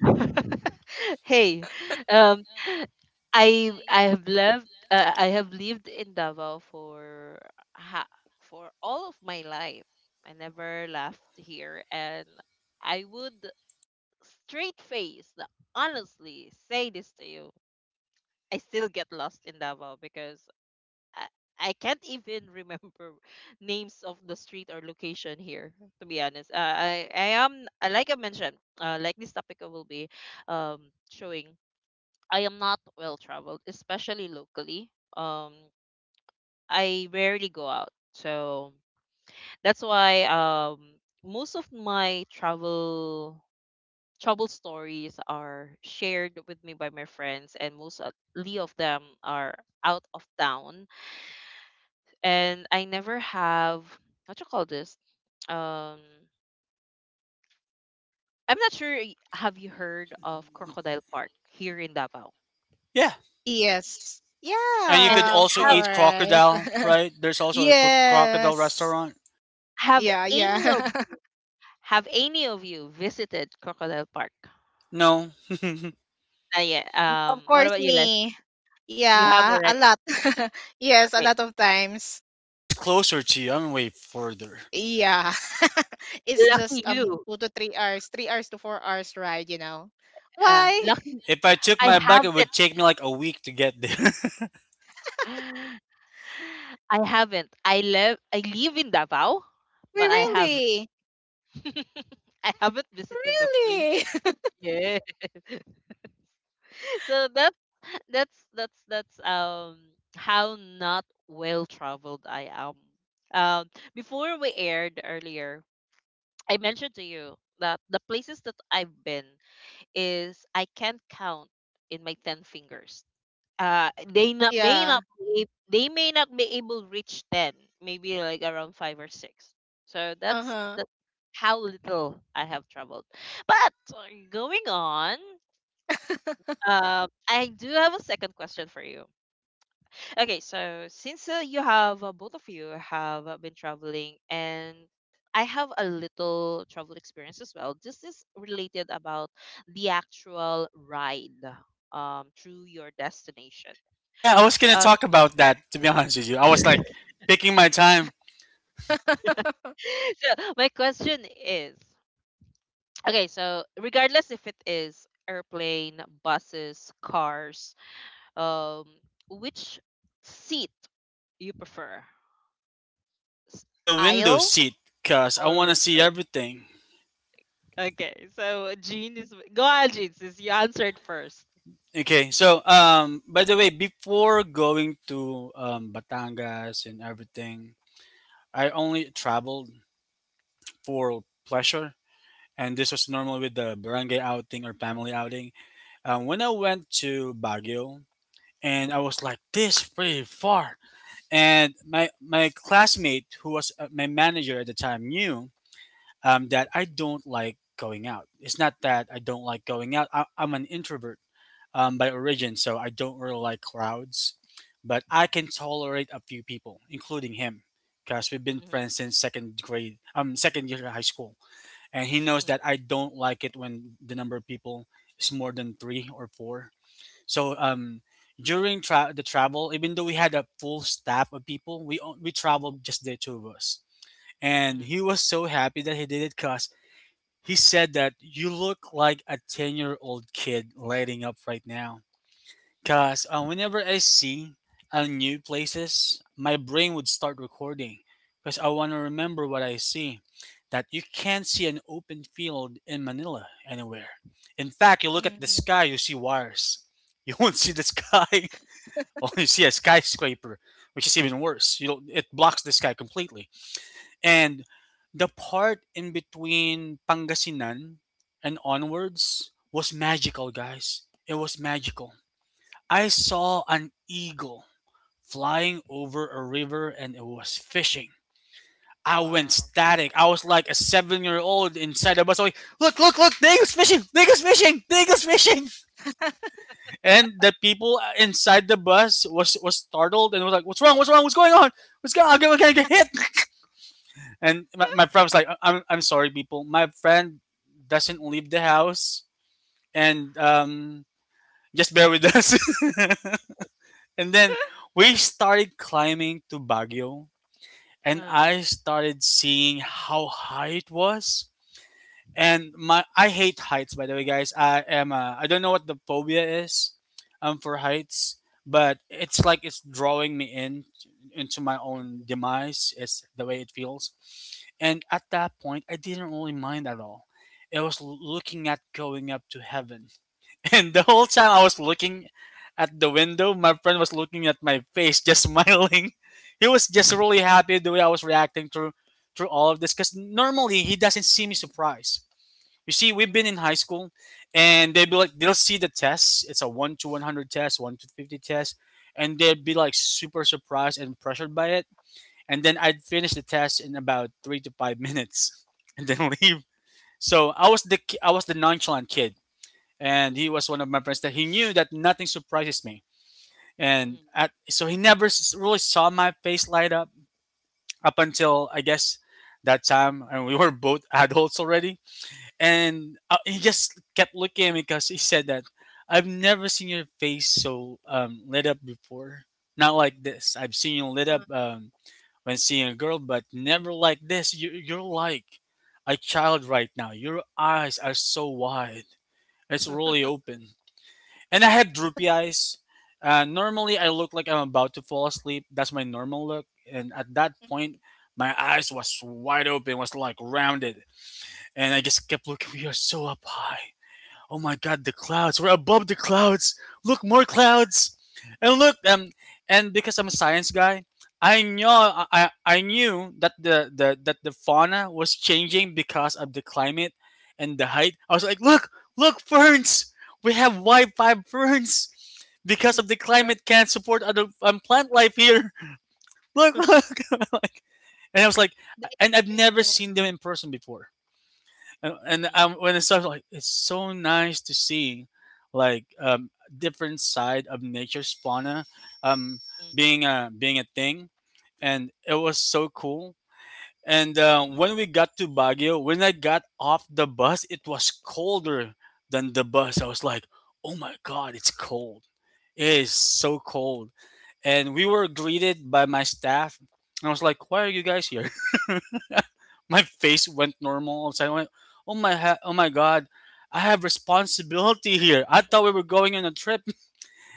Speaker 1: Hey, um i i have lived I have lived in Davao for, ha- for all of my life. I never left here, and I would, straight face, honestly say this to you, I still get lost in Davao because I, I can't even remember names of the street or location here. To be honest, I am, like I mentioned, like this topic I will be showing, I am not well traveled, especially locally. Um, I rarely go out, so that's why, most of my travel stories are shared with me by my friends, and most of- ly of them are out of town. And I never have, what you call this. Um, I'm not sure. Have you heard of Crocodile Park here in Davao?
Speaker 2: Yeah,
Speaker 3: Yes.
Speaker 2: and you could
Speaker 1: And
Speaker 3: Yeah, of
Speaker 2: also
Speaker 1: have
Speaker 2: eat
Speaker 3: course.
Speaker 2: crocodile. Right, there's also a crocodile
Speaker 3: Yes.
Speaker 2: restaurant.
Speaker 1: have
Speaker 3: Yeah, yeah.
Speaker 1: any of have any of you visited Crocodile Park?
Speaker 2: No.
Speaker 1: Ah, yeah.
Speaker 3: Of
Speaker 1: What
Speaker 3: course,
Speaker 1: about you, Les?
Speaker 3: me.
Speaker 1: You have
Speaker 3: Yeah, a
Speaker 1: already.
Speaker 3: lot. Yes, a
Speaker 1: Okay,
Speaker 3: lot of times.
Speaker 2: She's closer to you, I'm way further.
Speaker 3: Yeah. It's
Speaker 1: lucky
Speaker 3: just
Speaker 1: you.
Speaker 3: 2 to 3 hours, 3 hours to 4 hours ride, you know. Why?
Speaker 1: Lucky.
Speaker 2: If I took
Speaker 1: I
Speaker 2: my bike it would
Speaker 1: haven't.
Speaker 2: take me like a week to get there.
Speaker 1: I haven't. I live. I live in Davao,
Speaker 3: Why
Speaker 1: but I haven't.
Speaker 3: really?
Speaker 1: I haven't visited the place.
Speaker 3: Really?
Speaker 1: Yeah. So that's how not well traveled I am. Um, Before we aired earlier, I mentioned to you that the places that I've been is I can't count in my ten fingers. Uh, they not may
Speaker 3: Yeah.
Speaker 1: not be, ab- they may not be able to reach ten, maybe like around five or six. So that's
Speaker 3: Uh-huh.
Speaker 1: that's how little I have traveled. But going on, I do have a second question for you. Okay, so since you have both of you have been traveling, and I have a little travel experience as well. This is related about the actual ride through your destination.
Speaker 2: Yeah, I was gonna
Speaker 1: Um,
Speaker 2: talk about that. To be honest with you, I was like picking my time,
Speaker 1: so my question is, okay, so regardless if it is airplane, buses, cars, um, which seat you prefer, S-
Speaker 2: the window
Speaker 1: aisle
Speaker 2: seat, cause I
Speaker 1: or
Speaker 2: want to see
Speaker 1: window?
Speaker 2: everything.
Speaker 1: Okay, so Jean is go on, Jean, since you answered first.
Speaker 2: Okay, so by the way, before going to Batangas and everything, I only traveled for pleasure, and this was normal with the barangay outing or family outing. When I went to Baguio, and I was like, this pretty far, and my classmate who was my manager at the time knew that I don't like going out. It's not that I don't like going out. I'm an introvert by origin, so I don't really like crowds. But I can tolerate a few people, including him, because we've been
Speaker 1: Mm-hmm,
Speaker 2: friends since second grade, second year of high school, and he knows that I don't like it when the number of people is more than three or four. So during the travel, even though we had a full staff of people, we traveled just the two of us, and
Speaker 1: hmm.
Speaker 2: he was so happy that he did it because he said that you look like a 10-year-old kid lighting up right now. Because whenever I see new places, my brain would start recording because I want to remember what I see. That you can't see an open field in Manila anywhere. In fact, you look at the sky,
Speaker 3: Mhm.
Speaker 2: you see wires. You won't see the sky. Well, you see a skyscraper, which is even worse. You don't, it blocks the sky completely. And the part in between Pangasinan and onwards was magical, guys. It was magical. I saw an eagle flying over a river and it was fishing. I went
Speaker 3: Wow.
Speaker 2: static. I was like a 7-year old inside a bus. I was like, look, look, look, the eagle's fishing, the eagle's fishing, the eagle's fishing. And the people inside the bus was startled and was like, what's wrong, what's wrong, what's going on? What's going on? I'm gonna get hit. And my friend was like, "I'm sorry, people. My friend doesn't leave the house and just bear with us. And then we started climbing to Baguio, and
Speaker 1: uh,
Speaker 2: I started seeing how high it was. And my I hate heights, by the way, guys. I am, I don't know what the phobia is for heights, but it's like it's drawing me in into my own demise is the way it feels. And at that point I didn't really mind at all. It was looking at going up to heaven. And the whole time I was looking at the window, my friend was looking at my face just smiling. He was just really happy the way I was reacting through all of this because normally he doesn't see me surprised. You see, we've been
Speaker 1: hmm,
Speaker 2: in high school, and they'd be like, they'll see the tests. It's a 1 to 100 test, 1 to 50 test, and they'd be like super surprised and pressured by it. And then I'd finish the test in about 3 to 5 minutes, and then leave. So I was the I was the nonchalant kid, and he was one of my friends that he knew that nothing surprises me, and
Speaker 1: hmm.
Speaker 2: so he never really saw my face light up up until I guess that time, and we were both adults already. And he just kept looking at me because he said that I've never seen your face so lit up before. Not like this. I've seen you lit
Speaker 3: Uh-huh.
Speaker 2: up when seeing a girl, but never like this. You're like a child right now. Your eyes are so wide. It's really open. And I have droopy eyes. Normally, I look like I'm about to fall asleep. That's my normal look. And at that point, my eyes was wide open, was like rounded. And I just kept looking. We are so up high. Oh my God, the clouds! We're above the clouds. Look, more clouds, and look. And because I'm a science guy, I knew I knew that the fauna was changing because of the climate and the height. I was like, look, look, ferns. We have Wi-Fi ferns because of the
Speaker 3: Your
Speaker 2: climate can't support other plant life here. Look, look. Like, and I was like,
Speaker 3: the
Speaker 2: and I've never
Speaker 3: experiment
Speaker 2: seen them in person before. And
Speaker 1: Mm,
Speaker 2: When it starts like it's so nice to see like different side of nature's fauna, um,
Speaker 1: mm.
Speaker 2: being a thing, and it was so cool. And when we got to Baguio, when I got off the bus, it was colder than the bus. I was like, oh my God, it's cold, it is so cold. And we were greeted by my staff, and I was like, why are you guys here? My face went normal all of a sudden. I went, oh my God, I have responsibility here. I thought we were going on a trip.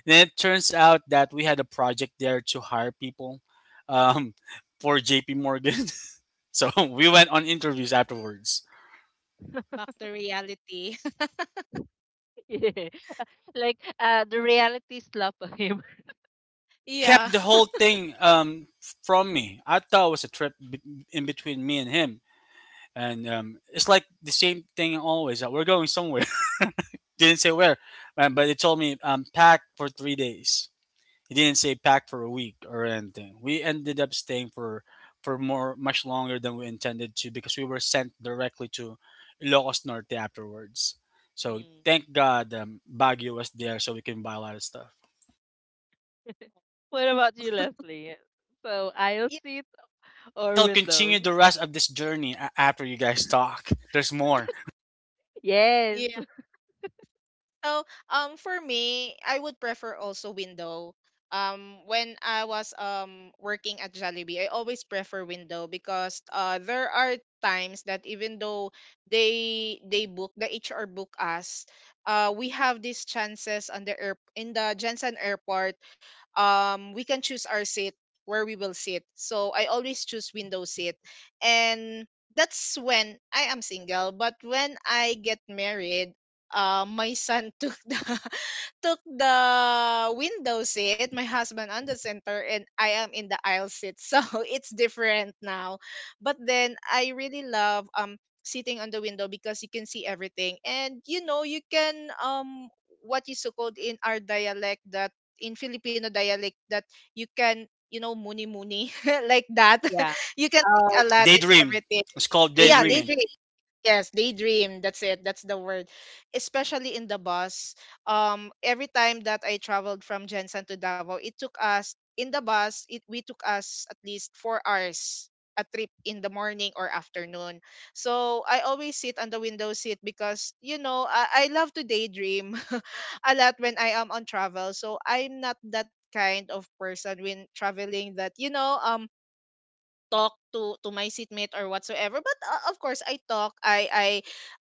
Speaker 2: Then it turns out that we had a project there to hire people, um, for J.P. Morgan. So we went on interviews afterwards.
Speaker 3: back to reality.
Speaker 1: Like the reality slap of him.
Speaker 2: He
Speaker 3: Yeah.
Speaker 2: kept the whole thing, from me. I thought it was a trip in between me and him. And it's like the same thing always. That we're going somewhere. Didn't say where, but they told me, pack for 3 days. He didn't say pack for a week or anything. We ended up staying for more much longer than we intended to because we were sent directly to Ilocos Norte afterwards. So
Speaker 1: Mm.
Speaker 2: thank God, Baguio was there so we can buy a lot of stuff.
Speaker 1: What about you, Leslie? So aisle seat
Speaker 2: I
Speaker 1: or
Speaker 2: shall continue
Speaker 1: windows?
Speaker 2: the rest of this journey after you guys talk. There's more.
Speaker 1: Yes.
Speaker 3: Yeah. So, for me, I would prefer also window. When I was working at Jollibee, I always prefer window because there are times that even though they book the HR book us, we have these chances on the air in the Jensen Airport, we can choose our seat where we will sit. So I always choose window seat, and that's when I am single. But when I get married, my son took the window seat, my husband on the center, and I am in the aisle seat. So it's different now. But then I really love sitting on the window because you can see everything, and you know you can, what is so called in our dialect, that in Filipino dialect, that you can, you know, muni muni like that.
Speaker 1: Yeah.
Speaker 3: You can take
Speaker 1: Um,
Speaker 3: a lot in
Speaker 2: Daydream.
Speaker 3: everything.
Speaker 2: It's called
Speaker 3: Yeah,
Speaker 1: Daydream.
Speaker 2: daydreaming.
Speaker 3: daydream. Yes, daydream. That's it. That's the word. Especially in the bus. Every time that I traveled from Jensen to Davao, it took us in the bus. It We took us at least 4 hours a trip in the morning or afternoon. So I always sit on the window seat because you know I love to daydream a lot when I am on travel. So I'm not that kind of person when traveling, that you know, talk to my seatmate or whatsoever, but of course I talk,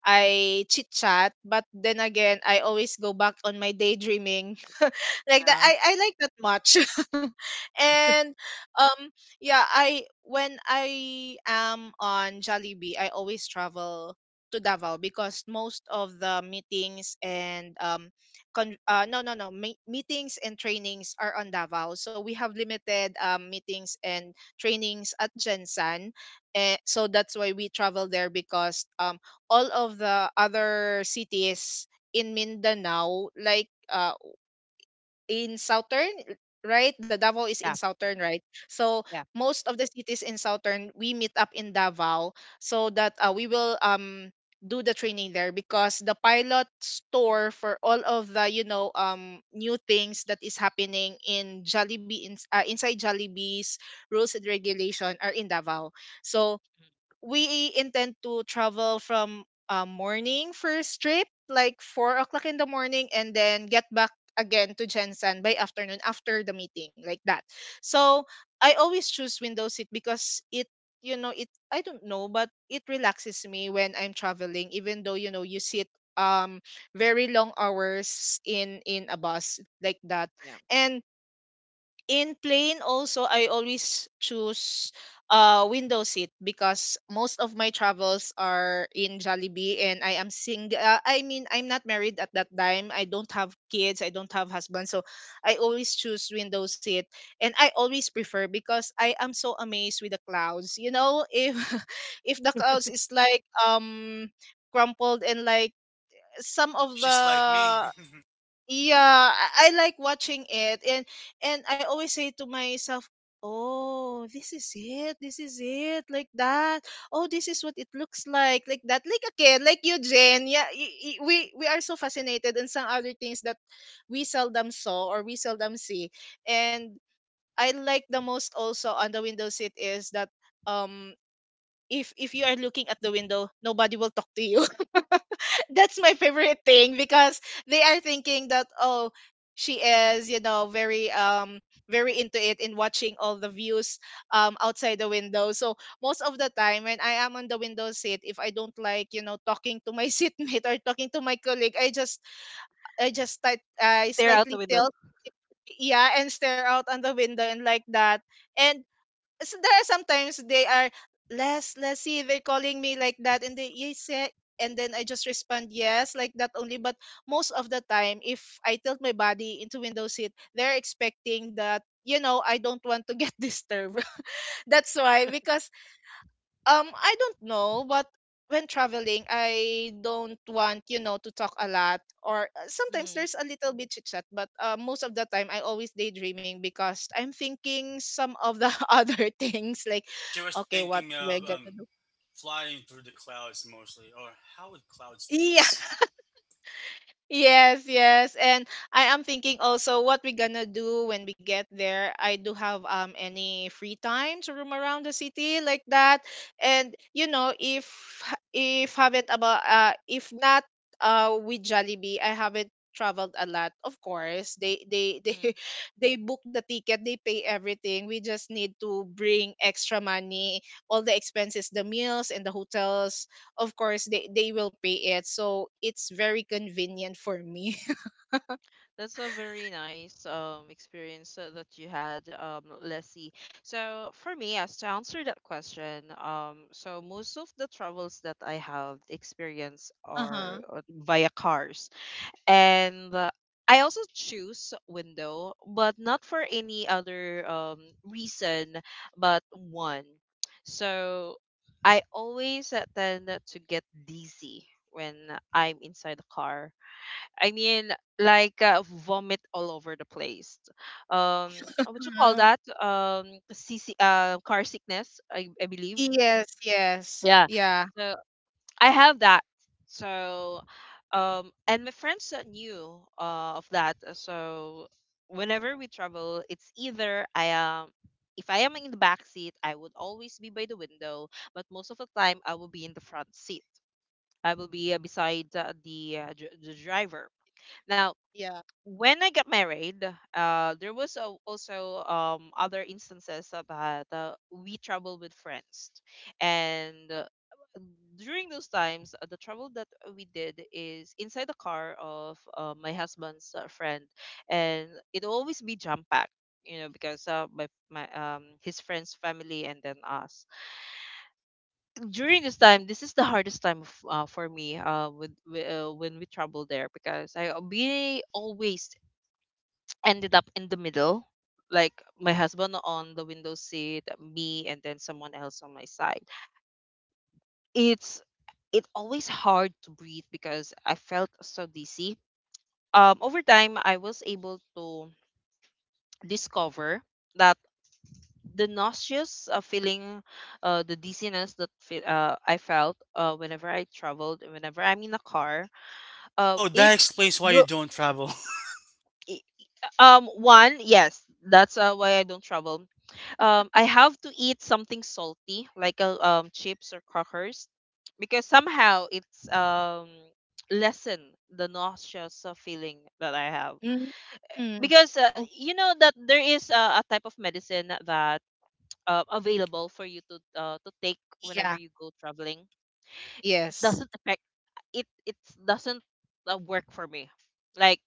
Speaker 3: I chit chat, but then again I always go back on my daydreaming like that.
Speaker 1: Yeah.
Speaker 3: I like that much. And um yeah, I when I am on Jollibee, I always travel to Davao because most of the meetings and, no, no, no, meetings and trainings are on Davao, so we have limited meetings and trainings at Jensen. Eh, so that's why we travel there because all of the other cities in Mindanao, like, in southern, right? The Davao is in
Speaker 1: Yeah.
Speaker 3: southern, right? So
Speaker 1: Yeah.
Speaker 3: most of the cities in southern, we meet up in Davao, so that we will do the training there because the pilot store for all of the, you know, new things that is happening in Jollibee inside Jollibee's rules and regulation are in Davao. So we intend to travel from, morning first trip, like 4 o'clock in the morning, and then get back again to Jensen by afternoon after the meeting, like that. So I always choose window seat because it, you know, it I don't know, but it relaxes me when I'm traveling, even though you know you sit um very long hours in a bus like that.
Speaker 1: Yeah.
Speaker 3: And in plane also I always choose window seat because most of my travels are in Jollibee, and I am single, I mean, I'm not married at that time. I don't have kids, I don't have husband, so I always choose window seat, and I always prefer because I am so amazed with the clouds, you know, if if the clouds is like, crumpled, and like some of
Speaker 2: She's like me.
Speaker 3: the... Yeah, I like watching it, and I always say to myself, oh, this is it, this is it, like that. Oh, this is what it looks like that, like a kid, like you, Jane. Yeah, we are so fascinated in some other things that we seldom saw or we seldom see. And I like the most also on the window seat is that, um if you are looking at the window, nobody will talk to you. That's my favorite thing, because they are thinking that, oh, she is, you know, very, very into it in watching all the views outside the window. So most of the time when I am on the window seat, if I don't like, you know, talking to my seatmate or talking to my colleague, I
Speaker 1: Stare out the
Speaker 3: slightly
Speaker 1: window.
Speaker 3: tilt. Yeah, and stare out on the window and like that. And so there are sometimes they are, Leslie, they're calling me like that, and they, yes, eh, and then I just respond yes, like that only. But most of the time, if I tilt my body into window seat, they're expecting that you know I don't want to get disturbed. That's why, because, I don't know, but when traveling, I don't want, you know, to talk a lot, or, sometimes there's
Speaker 1: Mm-hmm.
Speaker 3: a little bit chit chat, but, most of the time I always daydreaming, because I'm thinking some of the other things like,
Speaker 2: She was
Speaker 3: okay, what
Speaker 2: thinking
Speaker 3: we're
Speaker 2: of,
Speaker 3: gonna do.
Speaker 2: flying through the clouds mostly, or how would clouds
Speaker 3: Yeah.
Speaker 2: taste?
Speaker 3: Yes, yes. And I am thinking also what we gonna do when we get there. I do have any free time to roam around the city like that. And you know, if haven't about if not with Jollibee, I haven't traveled a lot. Of course, they they book the ticket, they pay everything. We just need to bring extra money, all the expenses, the meals and the hotels. Of course, they will pay it, so it's very convenient for me.
Speaker 1: That's a very nice experience that you had, Leslie. So for me, as to answer that question, so most of the travels that I have experienced
Speaker 3: Uh-huh.
Speaker 1: are via cars, and I also choose window, but not for any other reason, but one. So I always tend to get dizzy when I'm inside the car. I mean, like, vomit all over the place. Um, what you call
Speaker 3: uh,
Speaker 1: that? C C Car sickness, I believe.
Speaker 3: yes, yes.
Speaker 1: Yeah.
Speaker 3: Yeah,
Speaker 1: So I have that. So, and my friends knew of that. So whenever we travel, it's either I am. If I am in the back seat, I would always be by the window, but most of the time I will be in the front seat. I will be beside the driver. Now,
Speaker 3: yeah.
Speaker 1: when I got married, there was also other instances that we traveled with friends, and during those times, the travel that we did is inside the car of my husband's friend, and it always be jam packed, because my my his friend's family and then us. During this time, this is the hardest time for me, when we travel there, because I be always ended up in the middle, like my husband on the window seat, me, and then someone else on my side. It's it always hard to breathe, because I felt so dizzy. Over time I was able to discover that the nauseous feeling, the dizziness that I felt whenever I traveled, whenever I'm in a car.
Speaker 2: Oh,
Speaker 1: If
Speaker 2: that explains why you
Speaker 1: will-
Speaker 2: don't travel.
Speaker 1: I- One, yes, that's why I don't travel. I have to eat something salty, like a chips or crackers, because somehow it's lessen the nauseous feeling that I have.
Speaker 3: Mm-hmm.
Speaker 1: Because
Speaker 3: Oh,
Speaker 1: you know that there is a type of medicine that available for you to take whenever
Speaker 3: yeah.
Speaker 1: you go traveling. It
Speaker 3: Yes.
Speaker 1: doesn't affect it doesn't work for me. Like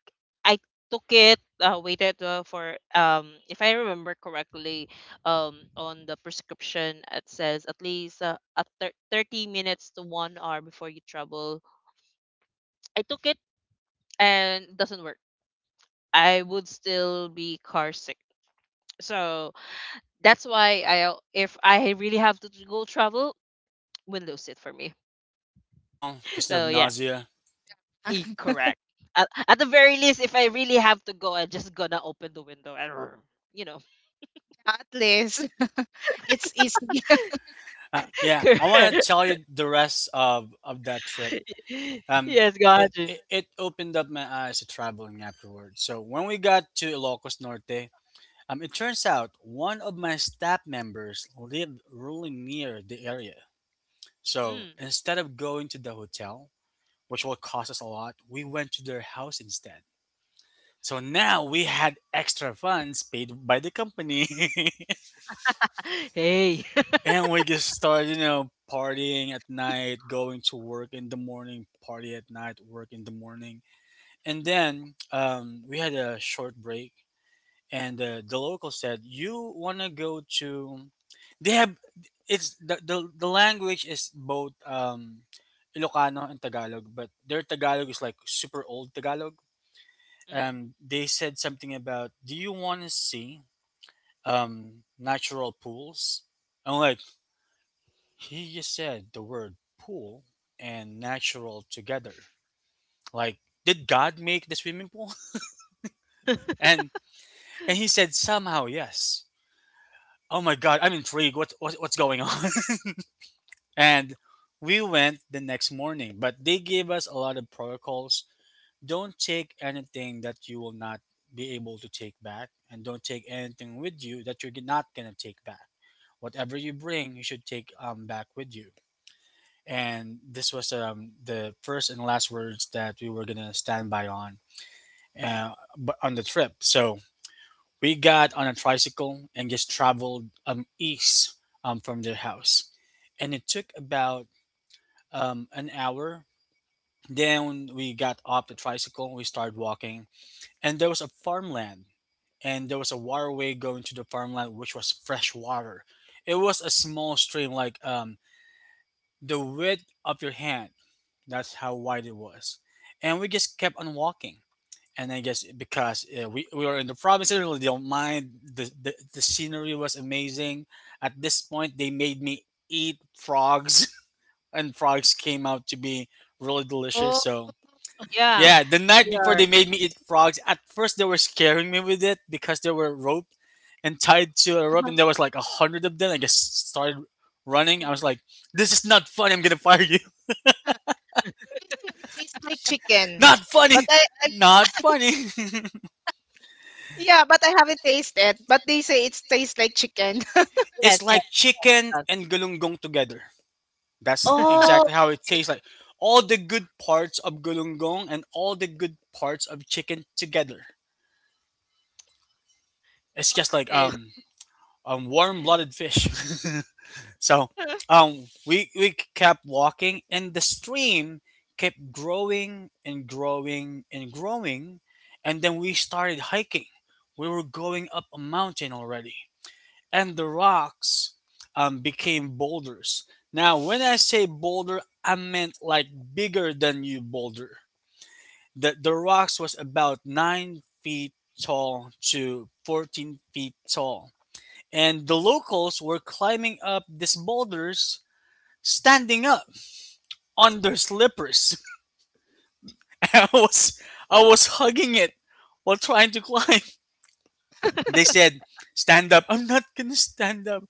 Speaker 1: I took it, waited for, if I remember correctly, on the prescription it says at least, 30 minutes to 1 hour before you travel. I took it and it doesn't work. I would still be car sick. So that's why I if I really have to go travel, windows it for me.
Speaker 2: Oh, because of
Speaker 1: So yeah.
Speaker 2: nausea.
Speaker 1: Correct. At the very least, if I really have to go, I'm just gonna open the window and, you know,
Speaker 3: At least it's easy.
Speaker 2: Yeah, I want
Speaker 1: correct.
Speaker 2: to tell you the rest of that trip. Um,
Speaker 1: Yes, Gajin.
Speaker 2: it opened up my eyes to traveling afterwards. So when we got to Ilocos Norte, it turns out one of my staff members lived really near the area. So
Speaker 1: Mm.
Speaker 2: instead of going to the hotel, which will cost us a lot, we went to their house instead. So now we had extra funds paid by the company.
Speaker 1: Hey.
Speaker 2: And we just started, you know, partying at night, going to work in the morning, party at night, work in the morning. And then we had a short break, and the local said, you want to go to. They have. It's the language is both Ilocano and Tagalog, but their Tagalog is like super old Tagalog.
Speaker 1: Mhm.
Speaker 2: They said something about, do you want to see natural pools? I'm like, he said the word pool and natural together. Like, did God make the swimming pool? And and he said somehow yes. Oh my God, I'm intrigued. What what's going on? And we went the next morning, but they gave us a lot of protocols. Don't take anything that you will not be able to take back, and don't take anything with you that you're not gonna take back. Whatever you bring, you should take back with you. And this was, the first and last words that we were gonna stand by on. But on the trip, so we got on a tricycle and just traveled east, from their house, and it took about, an hour. Then we got off the tricycle, we started walking, and there was a farmland, and there was a waterway going to the farmland, which was fresh water. It was a small stream like, the width of your hand. That's how wide it was. And we just kept on walking. And I guess because, we were in the province, I really don't mind. The scenery was amazing. At this point, they made me eat frogs, and frogs came out to be really delicious.
Speaker 3: Oh.
Speaker 2: So,
Speaker 1: Yeah.
Speaker 2: yeah, the night
Speaker 1: We
Speaker 2: before
Speaker 1: are.
Speaker 2: they made me eat frogs, at first they were scaring me with it because they were roped and tied to a rope,
Speaker 3: Uh-huh.
Speaker 2: and there was like a hundred of them. I just started running.
Speaker 3: Oh,
Speaker 2: I was like, this is not fun. I'm going to fire you.
Speaker 3: huh. They say it tastes like chicken,
Speaker 2: Not
Speaker 3: but
Speaker 2: funny.
Speaker 3: I
Speaker 2: Not funny.
Speaker 3: yeah, but I haven't tasted, but they say it tastes like chicken.
Speaker 1: Yes,
Speaker 2: It's
Speaker 1: yes.
Speaker 2: like chicken
Speaker 1: Us.
Speaker 2: and gulunggong together. That's
Speaker 3: Oh.
Speaker 2: exactly how it tastes like. All the good parts of gulunggong and all the good parts of chicken together. It's
Speaker 3: Oh,
Speaker 2: just like
Speaker 1: It.
Speaker 2: warm blooded fish. So, we kept walking, and the stream kept growing and growing and growing, and then we started hiking. We were going up a mountain already, and the rocks, became boulders. Now, when I say boulder, I meant like bigger than you boulder. The rocks was about 9 feet tall to 14 feet tall, and the
Speaker 1: Mm.
Speaker 2: locals were climbing up these boulders standing up on their slippers. I was I was hugging it while trying to climb. They said, "Stand up." I'm not gonna stand up.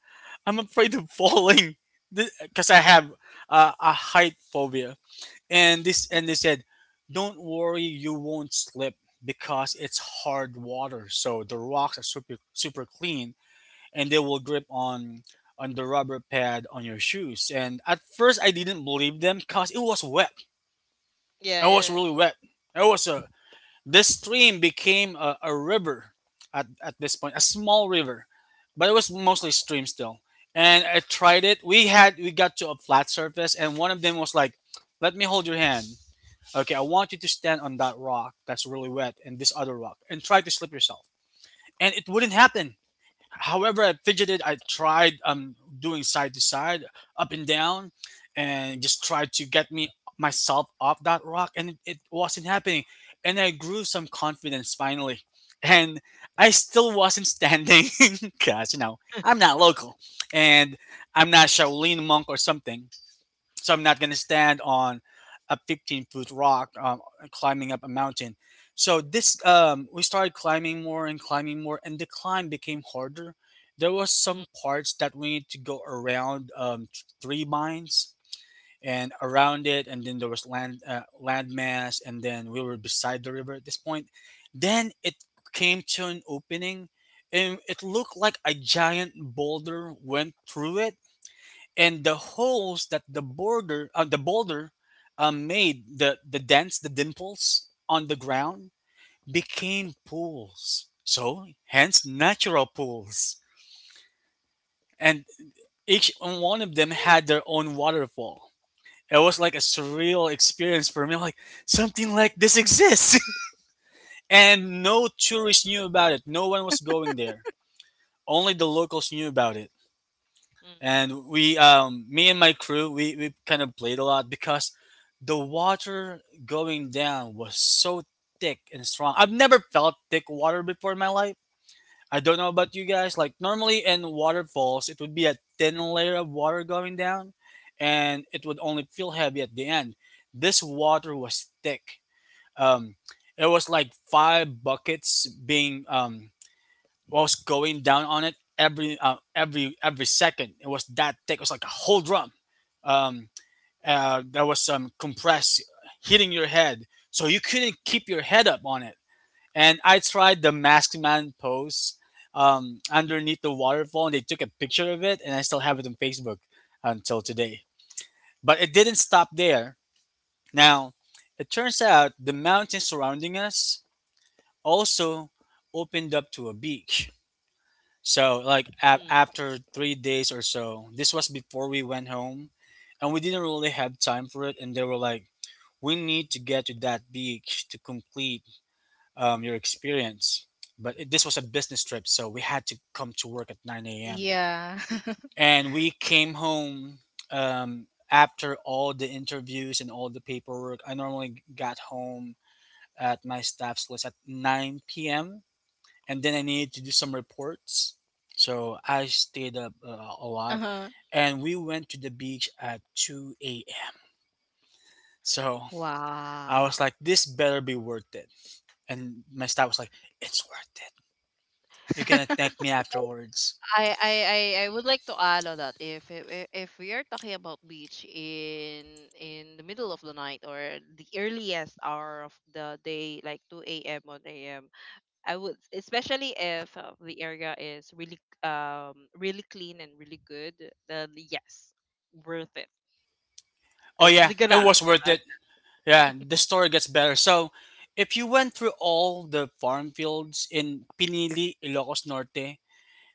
Speaker 2: I'm afraid of falling because I have, a height phobia. And they said, "Don't worry, you won't slip because it's hard water. So the rocks are super super clean, and they will grip on" on the rubber pad on your shoes. And at first I didn't believe them because it was wet.
Speaker 1: Yeah,
Speaker 2: It was
Speaker 1: yeah.
Speaker 2: really wet. It was a, this stream became a river at this point, a small river, but it was mostly stream still. And I tried it. We got to a flat surface, and one of them was like, "Let me hold your hand. Okay, I want you to stand on that rock that's really wet and this other rock and try to slip yourself." And it wouldn't happen. However, I fidgeted. I tried, doing side to side, up and down, and just tried to get me myself off that rock, and it wasn't happening. And I grew some confidence finally, and I still wasn't standing because you know I'm not local, and I'm not Shaolin monk or something. So I'm not going to stand on a 15-foot rock, climbing up a mountain. So this we started climbing more, and the climb became harder. There was
Speaker 1: Mm,
Speaker 2: some parts that we need to go around three mines and around it, and then there was landmass, and then we were beside the river at this point. Then it came to an opening, and it looked like a giant boulder went through it, and the holes that the boulder made, the dents the dimples on the ground became pools, so hence natural pools. And each one of them had their own waterfall. It was like a surreal experience for me, like, something like this exists. And no tourists knew about it. No one was going there. Only the locals knew about it.
Speaker 1: mm,
Speaker 2: And we me and my crew, we kind of played a lot because the water going down was so thick and strong. I've never felt thick water before in my life. I don't know about you guys, like normally in waterfalls it would be a thin layer of water going down, and it would only feel heavy at the end. This water was thick. um it was like five buckets being was going down on it every second. It was that thick. It was like a whole drum. Um, there was some compress hitting your head, so you couldn't keep your head up on it. And I tried the masked man pose underneath the waterfall, and they took a picture of it, and I still have it on Facebook until today. But it
Speaker 1: mm,
Speaker 2: didn't stop there. Now, it turns out the mountains surrounding us also opened up to a beach. So,
Speaker 1: mm.
Speaker 2: like after 3 days or so, this was before we went home, and we didn't really have time for it. And they were like, "We need to get to that beach to complete your experience." But this was a business trip, so we had to come to work at 9 a.m.
Speaker 3: yeah.
Speaker 2: And we came home after all the interviews and all the paperwork. I normally got home at my staff's list at 9 p.m., and then I needed to do some reports. So I stayed up a lot,
Speaker 3: Uh-huh.
Speaker 2: and we went to the beach at 2 a.m. So I
Speaker 3: Wow.
Speaker 2: was like, this better be worth it. And my staff was like, it's worth it. You're gonna thank me afterwards.
Speaker 1: I I I would like to add on that if we are talking about beach in the middle of the night or the earliest hour of the day, like 2 a.m., 1 a.m. I would, especially if the area is really clean and really good, then yes, worth it.
Speaker 2: Oh
Speaker 1: I'm
Speaker 2: yeah,
Speaker 1: just gonna
Speaker 2: it
Speaker 1: add
Speaker 2: was worth
Speaker 1: that.
Speaker 2: it. Yeah, the story gets better. So if you went through all the farm fields in Pinili, Ilocos Norte,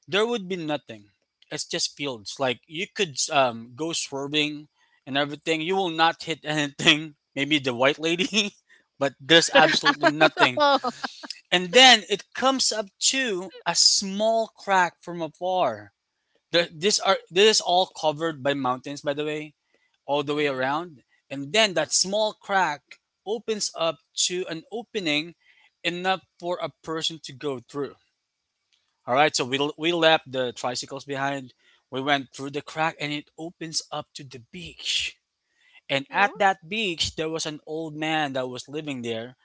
Speaker 2: there would be nothing. It's just fields. Like, you could go swerving and everything. You will not hit anything. Maybe the white lady, but there's absolutely nothing. And then it comes up to a small crack from afar. The, this are this is all covered by mountains, by the way, all the way
Speaker 1: Mm.
Speaker 2: around. And then that small crack opens up to an opening enough for a person to go through. All right, so we left the tricycles behind. We went through the crack and it opens up to the beach. And at
Speaker 1: Ooh,
Speaker 2: that beach, there was an old man that was living there,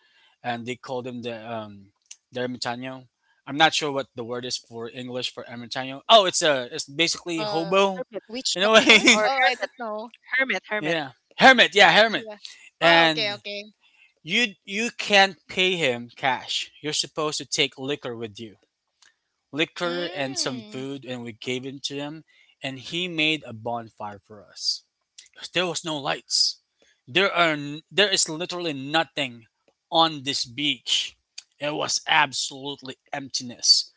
Speaker 2: and they called him the ermitaño. I'm not sure what the word is for English for ermitaño. Oh, it's a it's basically
Speaker 3: uh,
Speaker 2: hobo,
Speaker 1: hermit,
Speaker 3: which
Speaker 2: in a
Speaker 3: doctor?
Speaker 1: or
Speaker 2: way.
Speaker 3: Oh, I don't
Speaker 1: hermit,
Speaker 3: know.
Speaker 1: hermit, hermit.
Speaker 2: Yeah, hermit. Yeah, hermit.
Speaker 3: Yeah. Oh, okay,
Speaker 2: And
Speaker 3: okay.
Speaker 2: you can't pay him cash. You're supposed to take liquor with you. Liquor and some
Speaker 3: Mm.
Speaker 2: food, and we gave it to him, and he made a bonfire for us. There was no lights. There is literally nothing on this beach. It was absolutely emptiness.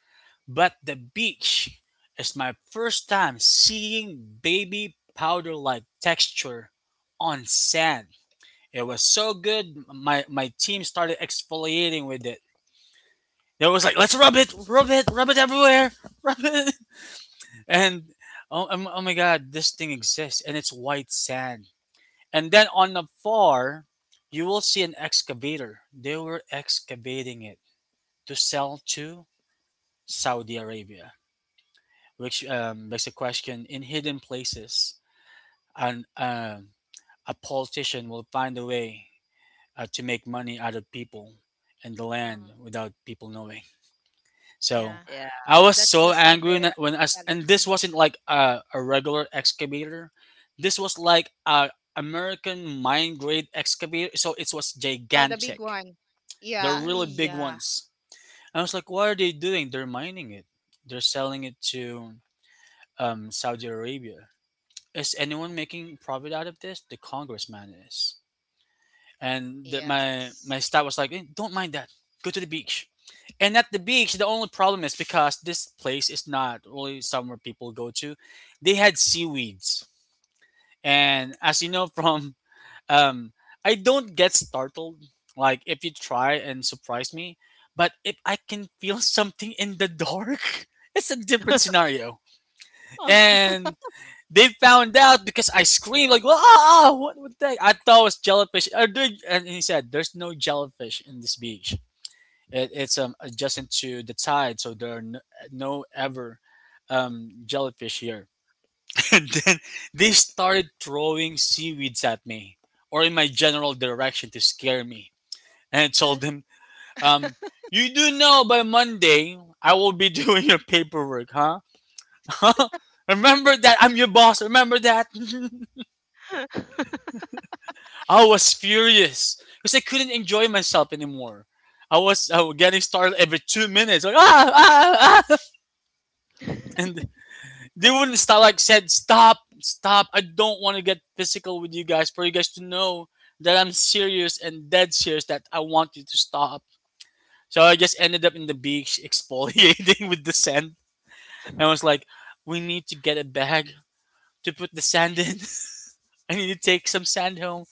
Speaker 2: But the beach is my first time seeing baby powder like texture on sand. It was so good, my team started exfoliating with it. They was like, let's rub it, rub it, rub it everywhere, rub it. And oh, oh my god, this thing exists and it's white sand. And then on the far you will see an excavator. They were excavating it to sell to Saudi Arabia, which begs the question, in hidden places and a politician will find a way to make money out of people and the
Speaker 3: Oh,
Speaker 2: land without people knowing.
Speaker 3: yeah.
Speaker 2: So
Speaker 1: Yeah.
Speaker 2: I was
Speaker 3: That's the
Speaker 2: so
Speaker 3: sad
Speaker 2: angry and
Speaker 3: reality.
Speaker 2: this wasn't like a regular excavator. This was like a American mine grade excavator. So it was
Speaker 3: Oh, the big
Speaker 2: gigantic.
Speaker 3: one. Yeah,
Speaker 2: They're really big
Speaker 3: yeah,
Speaker 2: ones. I was like, what are they doing? They're mining it. They're selling it to Saudi Arabia. Is anyone making profit out of this? The congressman is. And the, my
Speaker 3: yes.
Speaker 2: my staff was like, "Eh, don't mind that. Go to the beach." And at the beach, the only problem is, because this place is not really somewhere people go to, they had seaweeds. And, as you know from, um, I don't get startled. Like if you try and surprise me, but if I can feel something in the dark, it's a different scenario.
Speaker 3: Oh.
Speaker 2: And they found out because I screamed like, "Ah! What? What the? I thought it was jellyfish." And he said, "There's no jellyfish in this beach. It's adjusting to the tide, so there are no ever jellyfish here." And then they started throwing seaweeds at me or in my general direction to scare me. And I told
Speaker 1: Mm.
Speaker 2: them, um, you do know by Monday I will be doing your paperwork, huh? Remember that I'm your boss. Remember that. I was furious because I couldn't enjoy myself anymore. I was getting startled every 2 minutes, like ah, ah, ah. And they wouldn't stop. Like, said stop, stop. I don't want to get physical with you guys for you guys to know that I'm serious and dead serious, that I want you to stop. So I just ended up in the beach exfoliating with the sand, and I was like, "We need to get a bag to put the sand in. I need to take some sand home."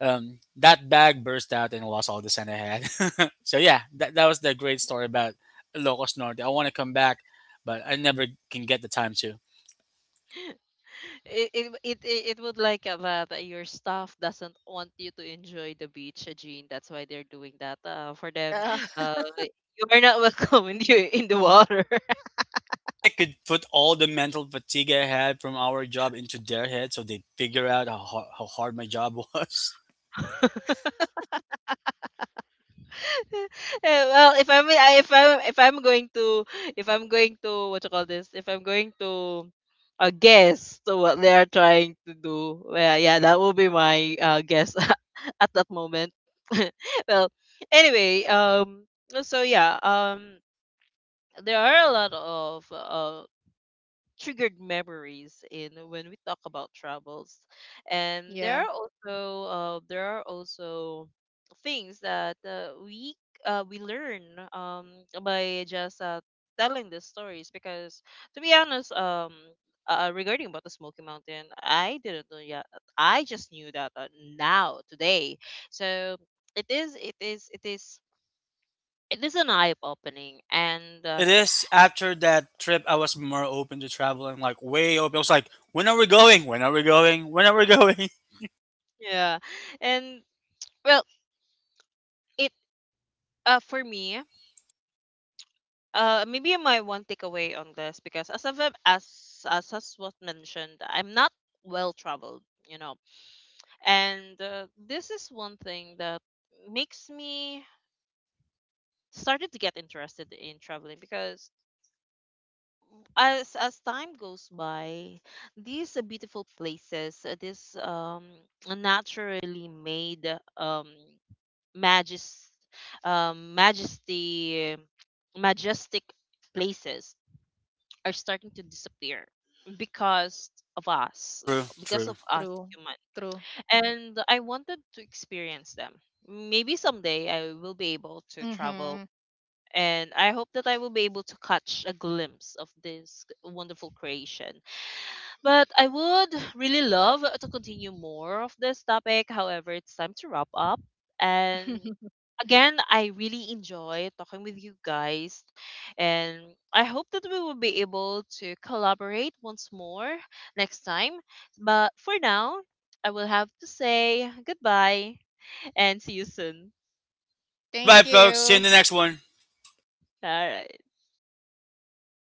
Speaker 2: That bag burst out and I lost all the sand I had. So yeah, that was the great story about Locos Norte. I want to come back, but I never can get the time to.
Speaker 1: It would like that your staff doesn't want you to enjoy the beach, Jean. That's why they're doing that. For them,
Speaker 3: Yeah,
Speaker 1: you are not welcome in the water.
Speaker 2: Wish I could put all the mental fatigue I had from our job into their head so they figure out how hard my job was.
Speaker 1: Eh, well, if I'm I- if I'm going to if I'm going to what you call this? If I'm going to guess to what they are trying to do, well, yeah, that will be my guess at that moment. Well, anyway, so yeah, there are a lot of triggered memories in when we talk about travels, and
Speaker 3: yeah.
Speaker 1: there are also, things that we learn, um, by just telling the stories. Because, to be honest, regarding about the Smoky Mountain, I didn't know yet. I just knew that now today. So it is, it is, it is, it is an eye opening, and uh,
Speaker 2: It is after that trip I was more open to traveling, like way open. I was like, when are we going? When are we going? When are we going?
Speaker 1: yeah, and well, it for me, maybe my one takeaway on this, because as as was mentioned, I'm not well traveled. And this is one thing that makes me started to get interested in traveling, because as time goes by, these beautiful places, this naturally made um majest, um, majesty, majestic places are starting to disappear because of us,
Speaker 2: True,
Speaker 1: because
Speaker 2: true.
Speaker 1: of us
Speaker 3: True,
Speaker 1: human.
Speaker 3: true.
Speaker 1: And I wanted to experience them. Maybe someday I will be able to
Speaker 3: Mm-hmm.
Speaker 1: travel, and I hope that I will be able to catch a glimpse of this wonderful creation. But I would really love to continue more of this topic. However, it's time to wrap up. And again, I really enjoy talking with you guys. And I hope that we will be able to collaborate once more next time. But for now, I will have to say goodbye and see you soon.
Speaker 3: Thank
Speaker 2: Goodbye, folks.
Speaker 3: you.
Speaker 2: See you in the next one.
Speaker 1: All right.